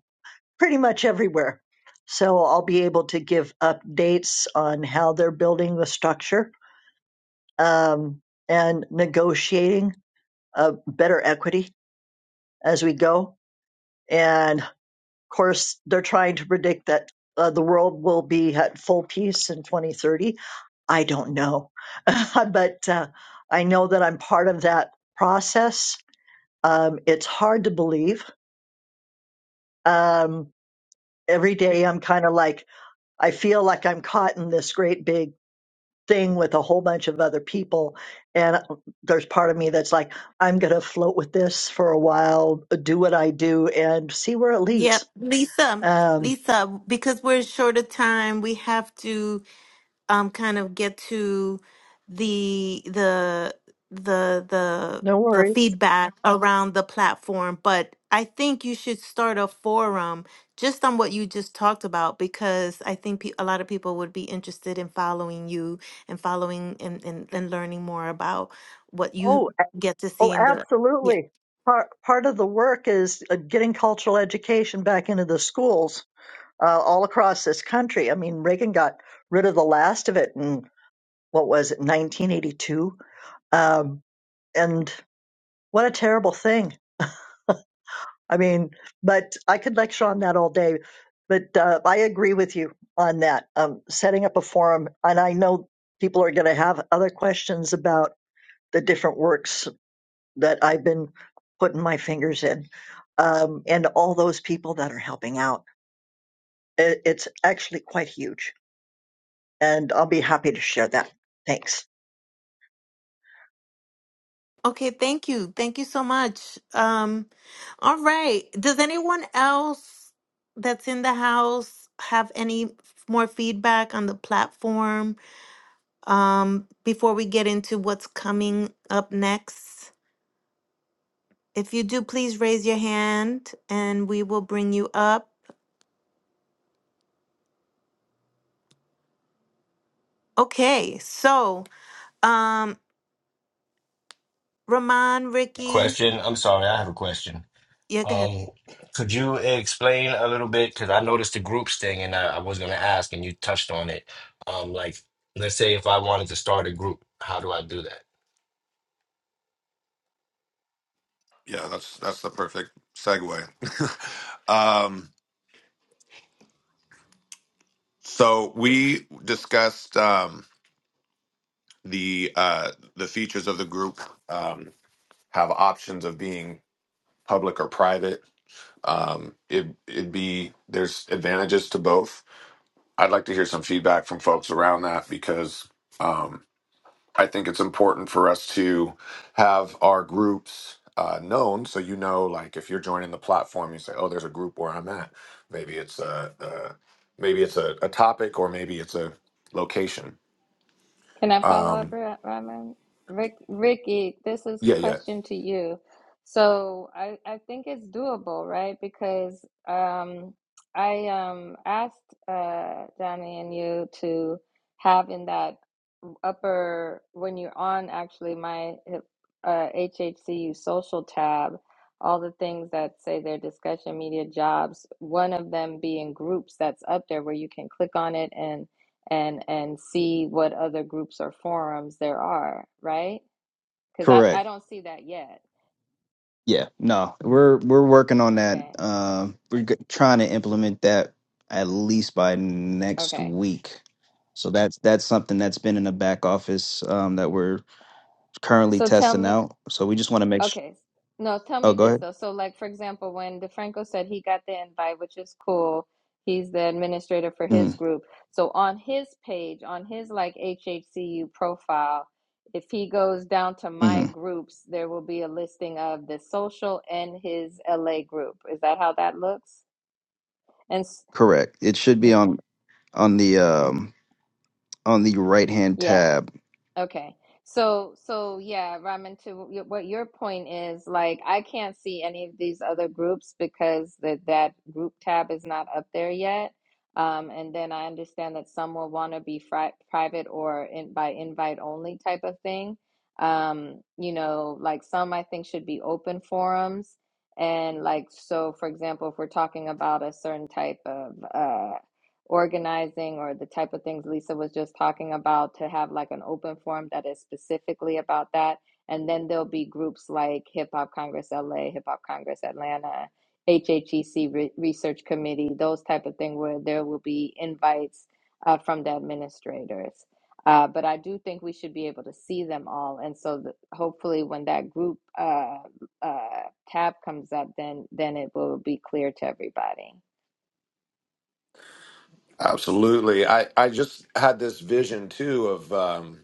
[SPEAKER 8] pretty much everywhere. So I'll be able to give updates on how they're building the structure um, and negotiating uh, better equity as we go. And of course, they're trying to predict that uh, the world will be at full peace in 2030. I don't know, but uh, I know that I'm part of that process Um, it's hard to believe. Um, every day I'm kind of like, I feel like I'm caught in this great big thing with a whole bunch of other people. And uh, there's part of me that's like, I'm going to float with this for a while, uh, do what I do and see where it leads.
[SPEAKER 1] yep lisa
[SPEAKER 8] Um,
[SPEAKER 1] lisa because we're short of time we have to um kind of get to the the the the
[SPEAKER 8] no
[SPEAKER 1] the
[SPEAKER 8] worries.
[SPEAKER 1] feedback around the platform but i think you should start a forum just on what you just talked about because i think pe- a lot of people would be interested in following you and following and, and, and learning more about what you
[SPEAKER 8] Oh, a-
[SPEAKER 1] get to see
[SPEAKER 8] oh,
[SPEAKER 1] in the
[SPEAKER 8] absolutely. Part, part of the work is uh, getting cultural education back into the schools uh, all across this country. I mean, Reagan got rid of the last of it in what was it 1982 um, and what a terrible thing i mean but i could lecture on that all day but uh, i agree with you on that um, setting up a forum and i know people are going to have other questions about the different works that i've been putting my fingers in um, and all those people that are helping out I- it's actually quite huge and i'll be happy to share that thanks
[SPEAKER 1] Okay, thank you. Thank you so much. Um, all right. Does anyone else that's in the house have any more feedback on the platform um, before we get into what's coming up next? If you do, please raise your hand and we will bring you up. Okay, so um, Ramon, Ricky,
[SPEAKER 5] Question. I'm sorry, I have a question.
[SPEAKER 1] yeah, go ahead.
[SPEAKER 5] Um, could you explain a little bit? Because I noticed the groups thing, and I, I was going to ask, and you touched on it. Um, like, let's say if I wanted to start a group, how do I do that?
[SPEAKER 3] Yeah, that's that's the perfect segue. um, so we discussed um, the uh, the features of the group um, have options of being public or private. Um, it it'd be there's advantages to both I'd like to hear some feedback from folks around that because um, I think it's important for us to have our groups uh, known. So you know, like if you're joining the platform, you say, "Oh, there's a group where I'm at." Maybe it's a, a maybe it's a, a topic, or maybe it's a location.
[SPEAKER 6] Can I follow up,
[SPEAKER 3] Um,
[SPEAKER 6] Ra- Raman? Rick, Ricky, this is
[SPEAKER 3] yeah, yeah,
[SPEAKER 6] question to you. So I, I think it's doable, right? Because um, I um, asked uh, Johnny and you to have in that upper, when you're on actually my uh, HHCU social tab, all the things that say their discussion media jobs, one of them being groups that's up there where you can click on it and and and see what other groups or forums there are, right? Because I, I
[SPEAKER 2] Correct.
[SPEAKER 6] don't see that yet.
[SPEAKER 2] Yeah, no, we're we're working on that.
[SPEAKER 6] Okay.
[SPEAKER 2] Um, we're g- trying to implement that at least by next
[SPEAKER 6] Okay.
[SPEAKER 2] week. So that's that's something that's been in the back office um, that we're currently
[SPEAKER 6] So tell
[SPEAKER 2] testing
[SPEAKER 6] me,
[SPEAKER 2] out. So we just want to make sure.
[SPEAKER 6] okay. No, tell
[SPEAKER 2] Oh,
[SPEAKER 6] me
[SPEAKER 2] go
[SPEAKER 6] this
[SPEAKER 2] ahead.
[SPEAKER 6] though. So like for example, when DeFranco said he got the invite, which is cool, he's the administrator for
[SPEAKER 2] hmm
[SPEAKER 6] his group. So on his page, on his like HHCU profile, if he goes down to my
[SPEAKER 2] hmm
[SPEAKER 6] groups, there will be a listing of the social and his LA group. Is that how that looks? And
[SPEAKER 2] Correct. It should be on on the um, on the right hand
[SPEAKER 6] yeah.
[SPEAKER 2] tab.
[SPEAKER 6] Okay. So, so yeah, Raman, to y- what your point is, like, I can't see any of these other groups because that that group tab is not up there yet. Um, and then I understand that some will want to be fri private or in by invite only type of thing. Um, you know, like some I think should be open forums. And like, so for example, if we're talking about a certain type of uh organizing or the type of things Lisa was just talking about to have like an open forum that is specifically about that. And then there'll be groups like Hip Hop Congress LA, Hip Hop Congress Atlanta, HHEC Re- Research Committee, those type of thing where there will be invites uh, from the administrators. Uh, but I do think we should be able to see them all, and so th- hopefully, when that group uh, uh, tab comes up, then then it will be clear to everybody.
[SPEAKER 3] absolutely. I I just had this vision too of. Um,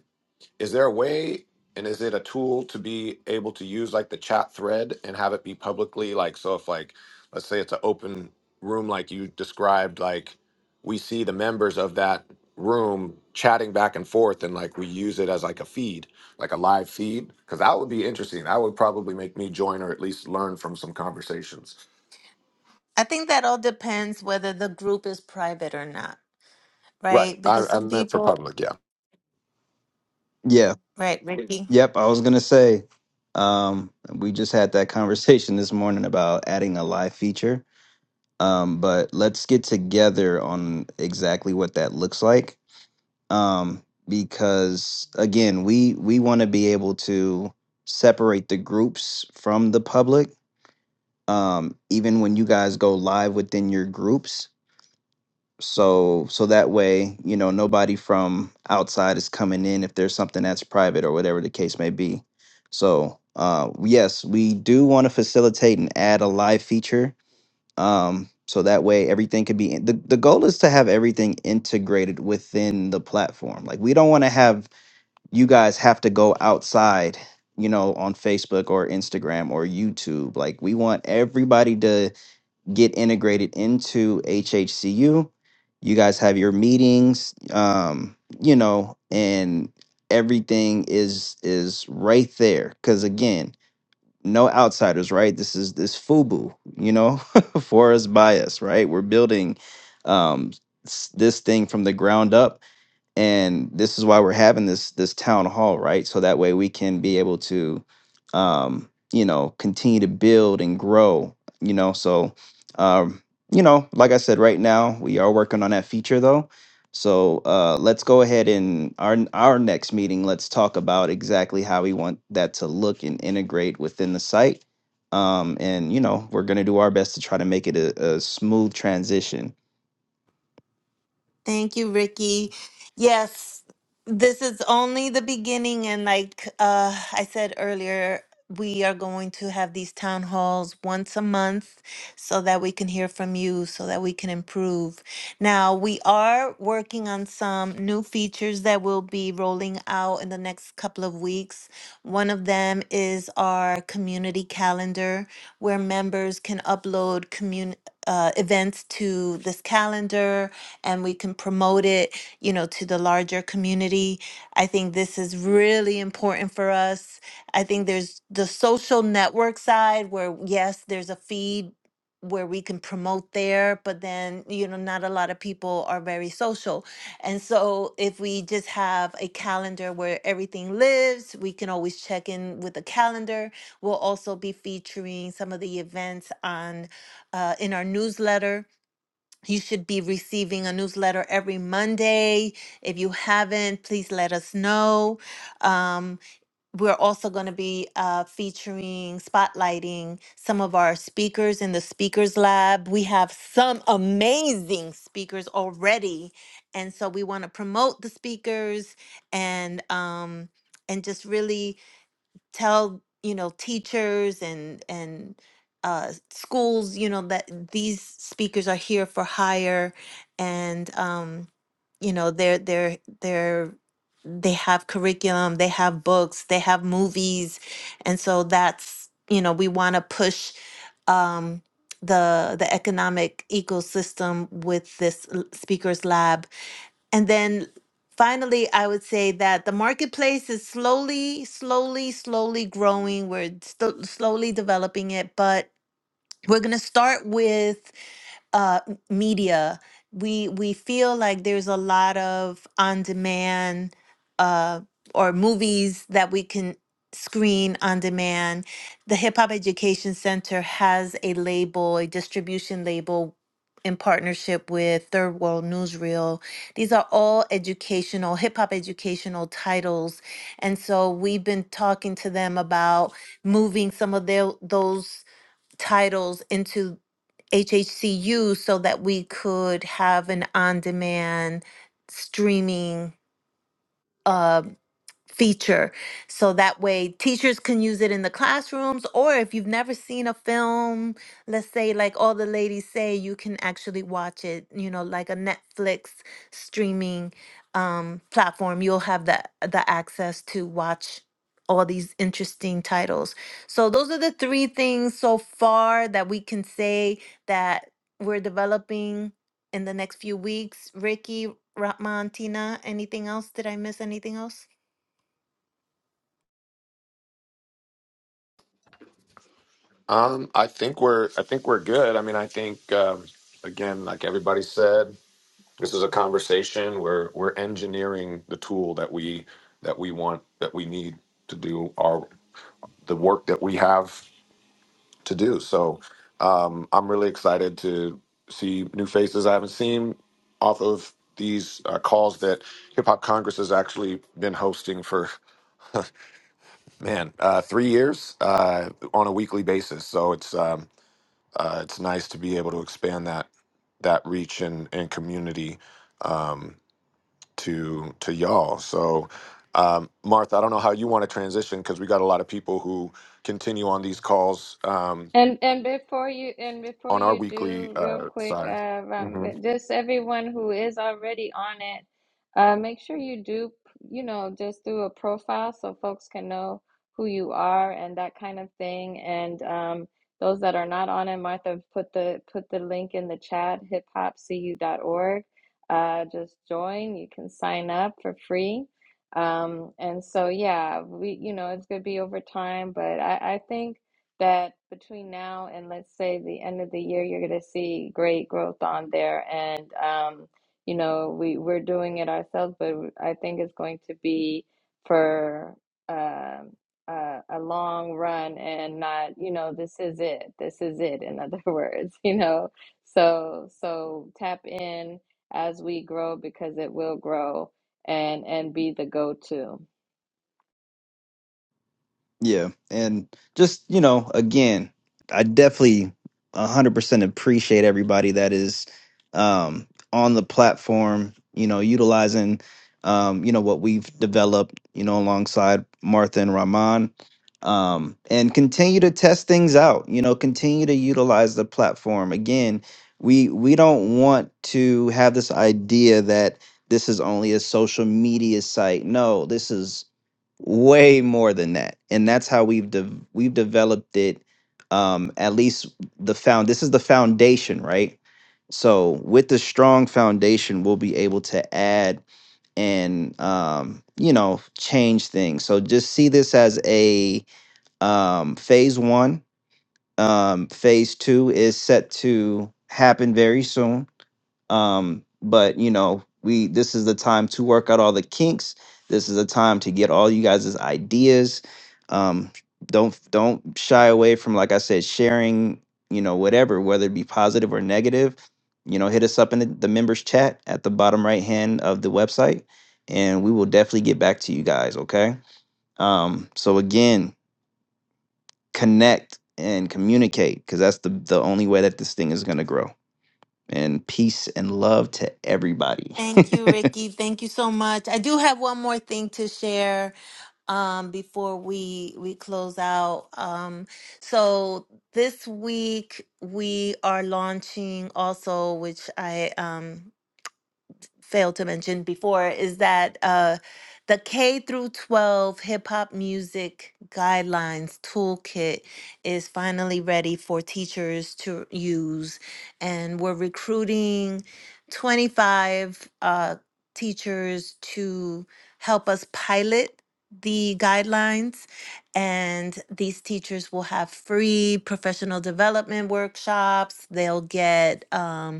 [SPEAKER 3] Is there a way and is it a tool to be able to use like the chat thread and have it be publicly like so if like let's say it's an open room like you described like we see the members of that room chatting back and forth and like we use it as like a feed like a live feed because that would be interesting that would probably make me join or at least learn from some conversations
[SPEAKER 1] I think that all depends whether the group is private or not,
[SPEAKER 3] right
[SPEAKER 1] right?
[SPEAKER 3] i,
[SPEAKER 1] Because
[SPEAKER 3] I
[SPEAKER 1] some
[SPEAKER 3] meant for
[SPEAKER 1] people,
[SPEAKER 3] public yeah
[SPEAKER 2] Yeah.
[SPEAKER 1] right, Ricky?
[SPEAKER 2] Yep. I was gonna say. Um, we just had that conversation this morning about adding a live feature Um, but let's get together on exactly what that looks like. Um, because again, we we want to be able to separate the groups from the public, um, even when you guys go live within your groups. So so that way, you know, nobody from outside is coming in if there's something that's private or whatever the case may be. So uh, yes, we do want to facilitate and add a live feature um so that way everything could be in, the, the goal is to have everything integrated within the platform like we don't want to have you guys have to go outside you know on facebook or instagram or youtube like we want everybody to get integrated into hhcu you guys have your meetings um you know and everything is is right there because again no outsiders, right? This is this FUBU, you know, for us by us, right? We're building um, s- this thing from the ground up and this is why we're having this this town hall right so that way we can be able to um you know continue to build and grow you know so um you know like i said right now we are working on that feature though so uh let's go ahead and our our next meeting let's talk about exactly how we want that to look and integrate within the site um and you know we're going to do our best to try to make it a, a smooth transition
[SPEAKER 1] Thank you, Ricky. Yes, this is only the beginning. And like uh, I said earlier, we are going to have these town halls once a month so that we can hear from you, so that we can improve. Now, we are working on some new features that will be rolling out in the next couple of weeks. One of them is our community calendar, where members can upload commun- uh, events to this calendar and we can promote it, you know, to the larger community. I think this is really important for us. I think there's the social network side where, yes, there's a feed where we can promote there, but then, you know, not a lot of people are very social. And so if we just have a calendar where everything lives, we can always check in with the calendar. We'll also be featuring some of the events on uh, in our newsletter you should be receiving a newsletter every Monday. If you haven't, please let us know. Um, we're also going to be uh, featuring, spotlighting some of our speakers in the Speakers Lab. We have some amazing speakers already. And so we want to promote the speakers and um, and just really tell you know teachers and and uh, schools you know that these speakers are here for hire and um, you know they're they're they're they have curriculum they have books they have movies and so that's you know we want to push um, the the economic ecosystem with this l- speakers lab and then finally, I would say that the marketplace is slowly, slowly, slowly growing. We're sto- slowly developing it, but we're going to start with uh m- media we we feel like there's a lot of on demand uh or movies that we can screen on demand the hip hop education center has a label a distribution label in partnership with Third World Newsreel. These are all educational, hip hop educational titles. And so we've been talking to them about moving some of their, those titles into HHCU so that we could have an on demand streaming uh, feature so that way teachers can use it in the classrooms or if you've never seen a film let's say like all the ladies say you can actually watch it you know like a netflix streaming um, platform you'll have the the access to watch all these interesting titles so those are the three things so far that we can say that we're developing in the next few weeks ricky Ratman, Tina, anything else? Did I miss anything else?
[SPEAKER 3] um i think we're i think we're good i mean i think um again like everybody said This is a conversation where we're engineering the tool that we that we want that we need to do our the work that we have to do. So um, I'm really excited to see new faces I haven't seen off of these uh, calls that Hip Hop Congress has actually been hosting for man uh, three years uh, on a weekly basis. So it's um, uh, it's nice to be able to expand that that reach and, and community. Um, to to y'all. So, um, Martha, I don't know how you want to transition because we got a lot of people who continue on these calls um,
[SPEAKER 6] And and before you and before
[SPEAKER 3] on our
[SPEAKER 6] you
[SPEAKER 3] weekly
[SPEAKER 6] do, real
[SPEAKER 3] uh,
[SPEAKER 6] quick,
[SPEAKER 3] side.
[SPEAKER 6] uh, Ram,
[SPEAKER 3] hmm
[SPEAKER 6] just everyone who is already on it, uh, make sure you do, you know, just do a profile so folks can know who you are and that kind of thing. And um, those that are not on it, Martha, put the put the link in the chat, hip hop c u dot org. Uh, just join. You can sign up for free. Um, and so yeah, we, you know, it's gonna be over time, but I, I think that between now and let's say the end of the year, you're going to see great growth on there. And, um, you know, we, we're doing it ourselves, but I think it's going to be for um a, a long run and not, you know, this is it. This is it, in other words, you know. So, so tap in as we grow because it will grow and and be the go-to.
[SPEAKER 2] Yeah, and just you know, again, I definitely one hundred percent appreciate everybody that is um, on the platform. You know, utilizing um, you know what we've developed. You know, alongside Martha and Rahman, um, and continue to test things out. You know, continue to utilize the platform. Again, we we don't want to have this idea that this is only a social media site. No, this is way more than that and that's how we've de- we've developed it um at least the found this is the foundation right so with the strong foundation we'll be able to add and um you know change things so just see this as a um phase 1 um phase 2 is set to happen very soon um, but you know, we this is the time to work out all the kinks. This is the time to get all you guys' ideas. Um, don't don't shy away from like I said, sharing, you know, whatever, whether it be positive or negative. You know, hit us up in the, the members chat at the bottom right hand of the website, and we will definitely get back to you guys, okay? Um, so again, connect and communicate because that's the the only way that this thing is gonna grow and peace and love to everybody.
[SPEAKER 1] Thank you, Ricky. Thank you so much. I do have one more thing to share um, before we we close out. Um, so this week we are launching also, which I um, failed to mention before is that uh, the K through 12 hip hop music guidelines toolkit is finally ready for teachers to use, and we're recruiting 25 uh, teachers to help us pilot the guidelines and these teachers will have free professional development workshops they'll get um,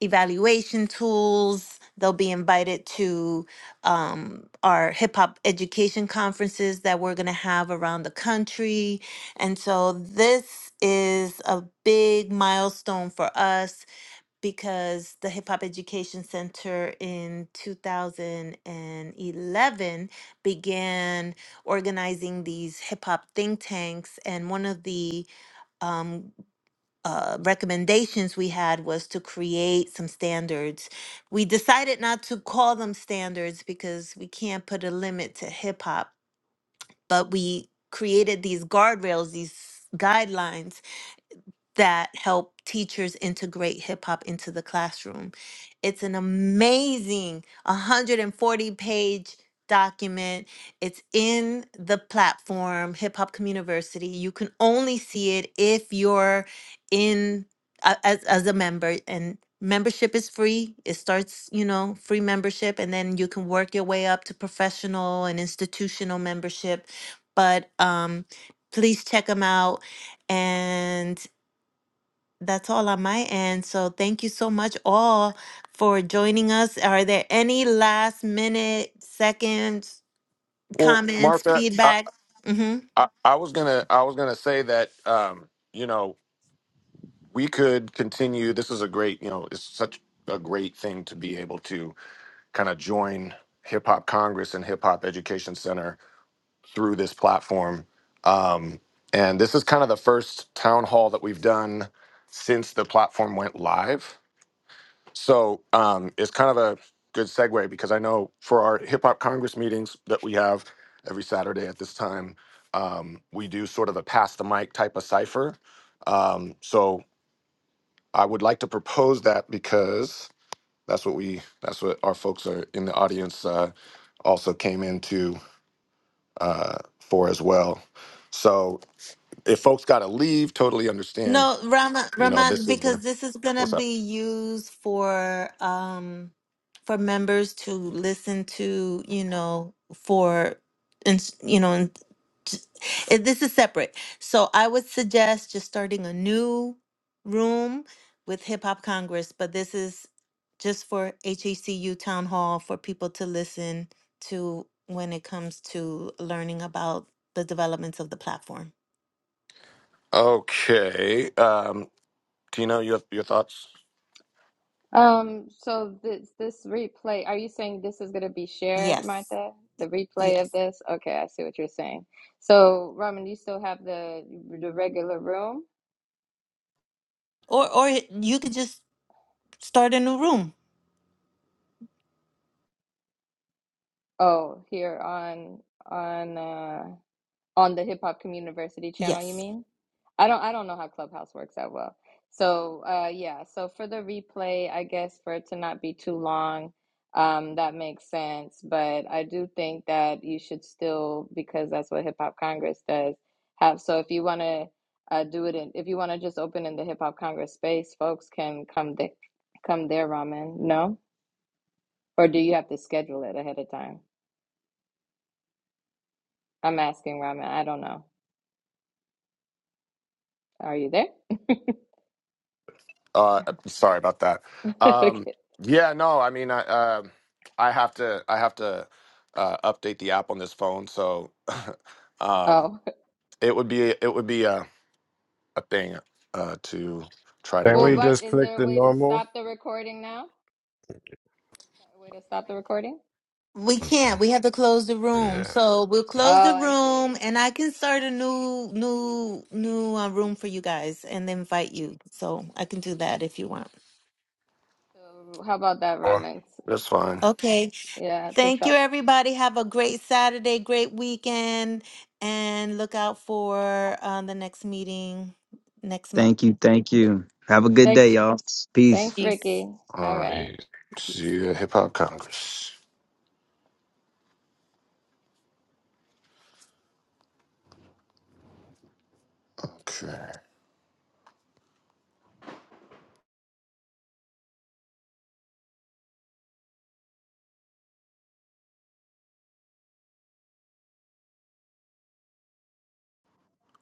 [SPEAKER 1] evaluation tools. They'll be invited to um, our hip hop education conferences that we're going to have around the country. And so this is a big milestone for us because the Hip Hop Education Center in 2011 began organizing these hip hop think tanks. And one of the um, uh, recommendations we had was to create some standards. We decided not to call them standards because we can't put a limit to hip hop, but we created these guardrails, these guidelines that help teachers integrate hip hop into the classroom. It's an amazing 140 page document. It's in the platform, Hip Hop Community. You can only see it if you're in a- as, as a member and membership is free. It starts, you know, free membership and then you can work your way up to professional and institutional membership. But um, please check them out and that's all on my end. So thank you so much all for joining us. Are there any last minute seconds,
[SPEAKER 3] Well,
[SPEAKER 1] comments,
[SPEAKER 3] Martha, I,
[SPEAKER 1] feedback? Mm-hmm.
[SPEAKER 3] I, I was gonna I was gonna say that um, you know we could continue. This is a great you know it's such a great thing to be able to kind of join Hip Hop Congress and Hip Hop Education Center through this platform. Um, and this is kind of the first town hall that we've done since the platform went live. So um, it's kind of a good segue because I know for our Hip Hop Congress meetings that we have every Saturday at this time, um, we do sort of a pass the mic type of cipher. Um, so I would like to propose that because that's what we that's what our folks are in the audience uh, also came into uh, for as well. So if folks got to leave, totally understand.
[SPEAKER 1] No, Rama,
[SPEAKER 3] You know,
[SPEAKER 1] Raman,
[SPEAKER 3] this is
[SPEAKER 1] because
[SPEAKER 3] the
[SPEAKER 1] this is gonna
[SPEAKER 3] what's up.
[SPEAKER 1] be used for um for members to listen to, you know, for and you know, and t- it- this is separate. So I would suggest just starting a new room with Hip Hop Congress, but this is just for HACU Town Hall for people to listen to when it comes to learning about the developments of the platform.
[SPEAKER 3] Okay, um, Tino, you have your thoughts?
[SPEAKER 6] Um, so this this replay, are you saying this is going to be shared,
[SPEAKER 1] Yes.
[SPEAKER 6] Martha? The replay
[SPEAKER 1] Yes.
[SPEAKER 6] of this? Okay, I see what you're saying. So, Raman, you still have the the regular room?
[SPEAKER 1] Or or you could just start a new room.
[SPEAKER 6] Oh, here on on uh on the Hip Hop Community University channel, you
[SPEAKER 1] Yes.
[SPEAKER 6] mean? I don't I don't know how Clubhouse works that well. So uh yeah, so for the replay, I guess for it to not be too long, um, that makes sense. But I do think that you should still, because that's what Hip Hop Congress does, have so if you wanna uh do it in if you wanna just open in the Hip Hop Congress space, folks can come there come there, Ramen. No? Or do you have to schedule it ahead of time? I'm asking Ramen. I don't know. Are you there?
[SPEAKER 3] Uh, sorry about that. Um,
[SPEAKER 6] Okay.
[SPEAKER 3] yeah, no, I mean, I uh, I have to I have to uh, update the app on this phone, so um,
[SPEAKER 6] Oh.
[SPEAKER 3] it would be it would be a a thing uh, to try to
[SPEAKER 5] Can
[SPEAKER 6] Well,
[SPEAKER 5] we
[SPEAKER 3] do.
[SPEAKER 6] what
[SPEAKER 5] just
[SPEAKER 6] is
[SPEAKER 5] click
[SPEAKER 6] there a
[SPEAKER 5] the
[SPEAKER 6] way to
[SPEAKER 5] normal?
[SPEAKER 6] stop the recording now? Is there a way to stop the recording?
[SPEAKER 1] We can't.
[SPEAKER 5] Mhm.
[SPEAKER 1] We have to close the room.
[SPEAKER 5] Yeah.
[SPEAKER 1] So we'll
[SPEAKER 6] Oh,
[SPEAKER 5] yeah.
[SPEAKER 1] close the
[SPEAKER 6] I see.
[SPEAKER 1] room and I can start a new new new uh, room for you guys and invite you. So I can
[SPEAKER 6] Okay,
[SPEAKER 1] do that if you want.
[SPEAKER 6] so how about that, Ramen?
[SPEAKER 3] That's fine.
[SPEAKER 1] Okay.
[SPEAKER 6] Yeah, to
[SPEAKER 1] Thank you
[SPEAKER 6] stop.
[SPEAKER 1] everybody. Have a great Saturday, great weekend and look out for uh, the next meeting next month.
[SPEAKER 2] thank you. Thank you. Have a good day,
[SPEAKER 6] Thanks,
[SPEAKER 2] y'all. Peace.
[SPEAKER 6] thanks,
[SPEAKER 1] Peace.
[SPEAKER 6] Ricky. All
[SPEAKER 3] Uh,
[SPEAKER 6] right.
[SPEAKER 5] Or,
[SPEAKER 3] see you at Hip Hop Congress. Okay.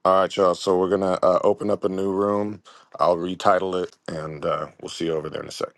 [SPEAKER 3] All right, y'all. So we're gonna uh, open up a new room. I'll retitle it, and uh, we'll see you over there in a sec.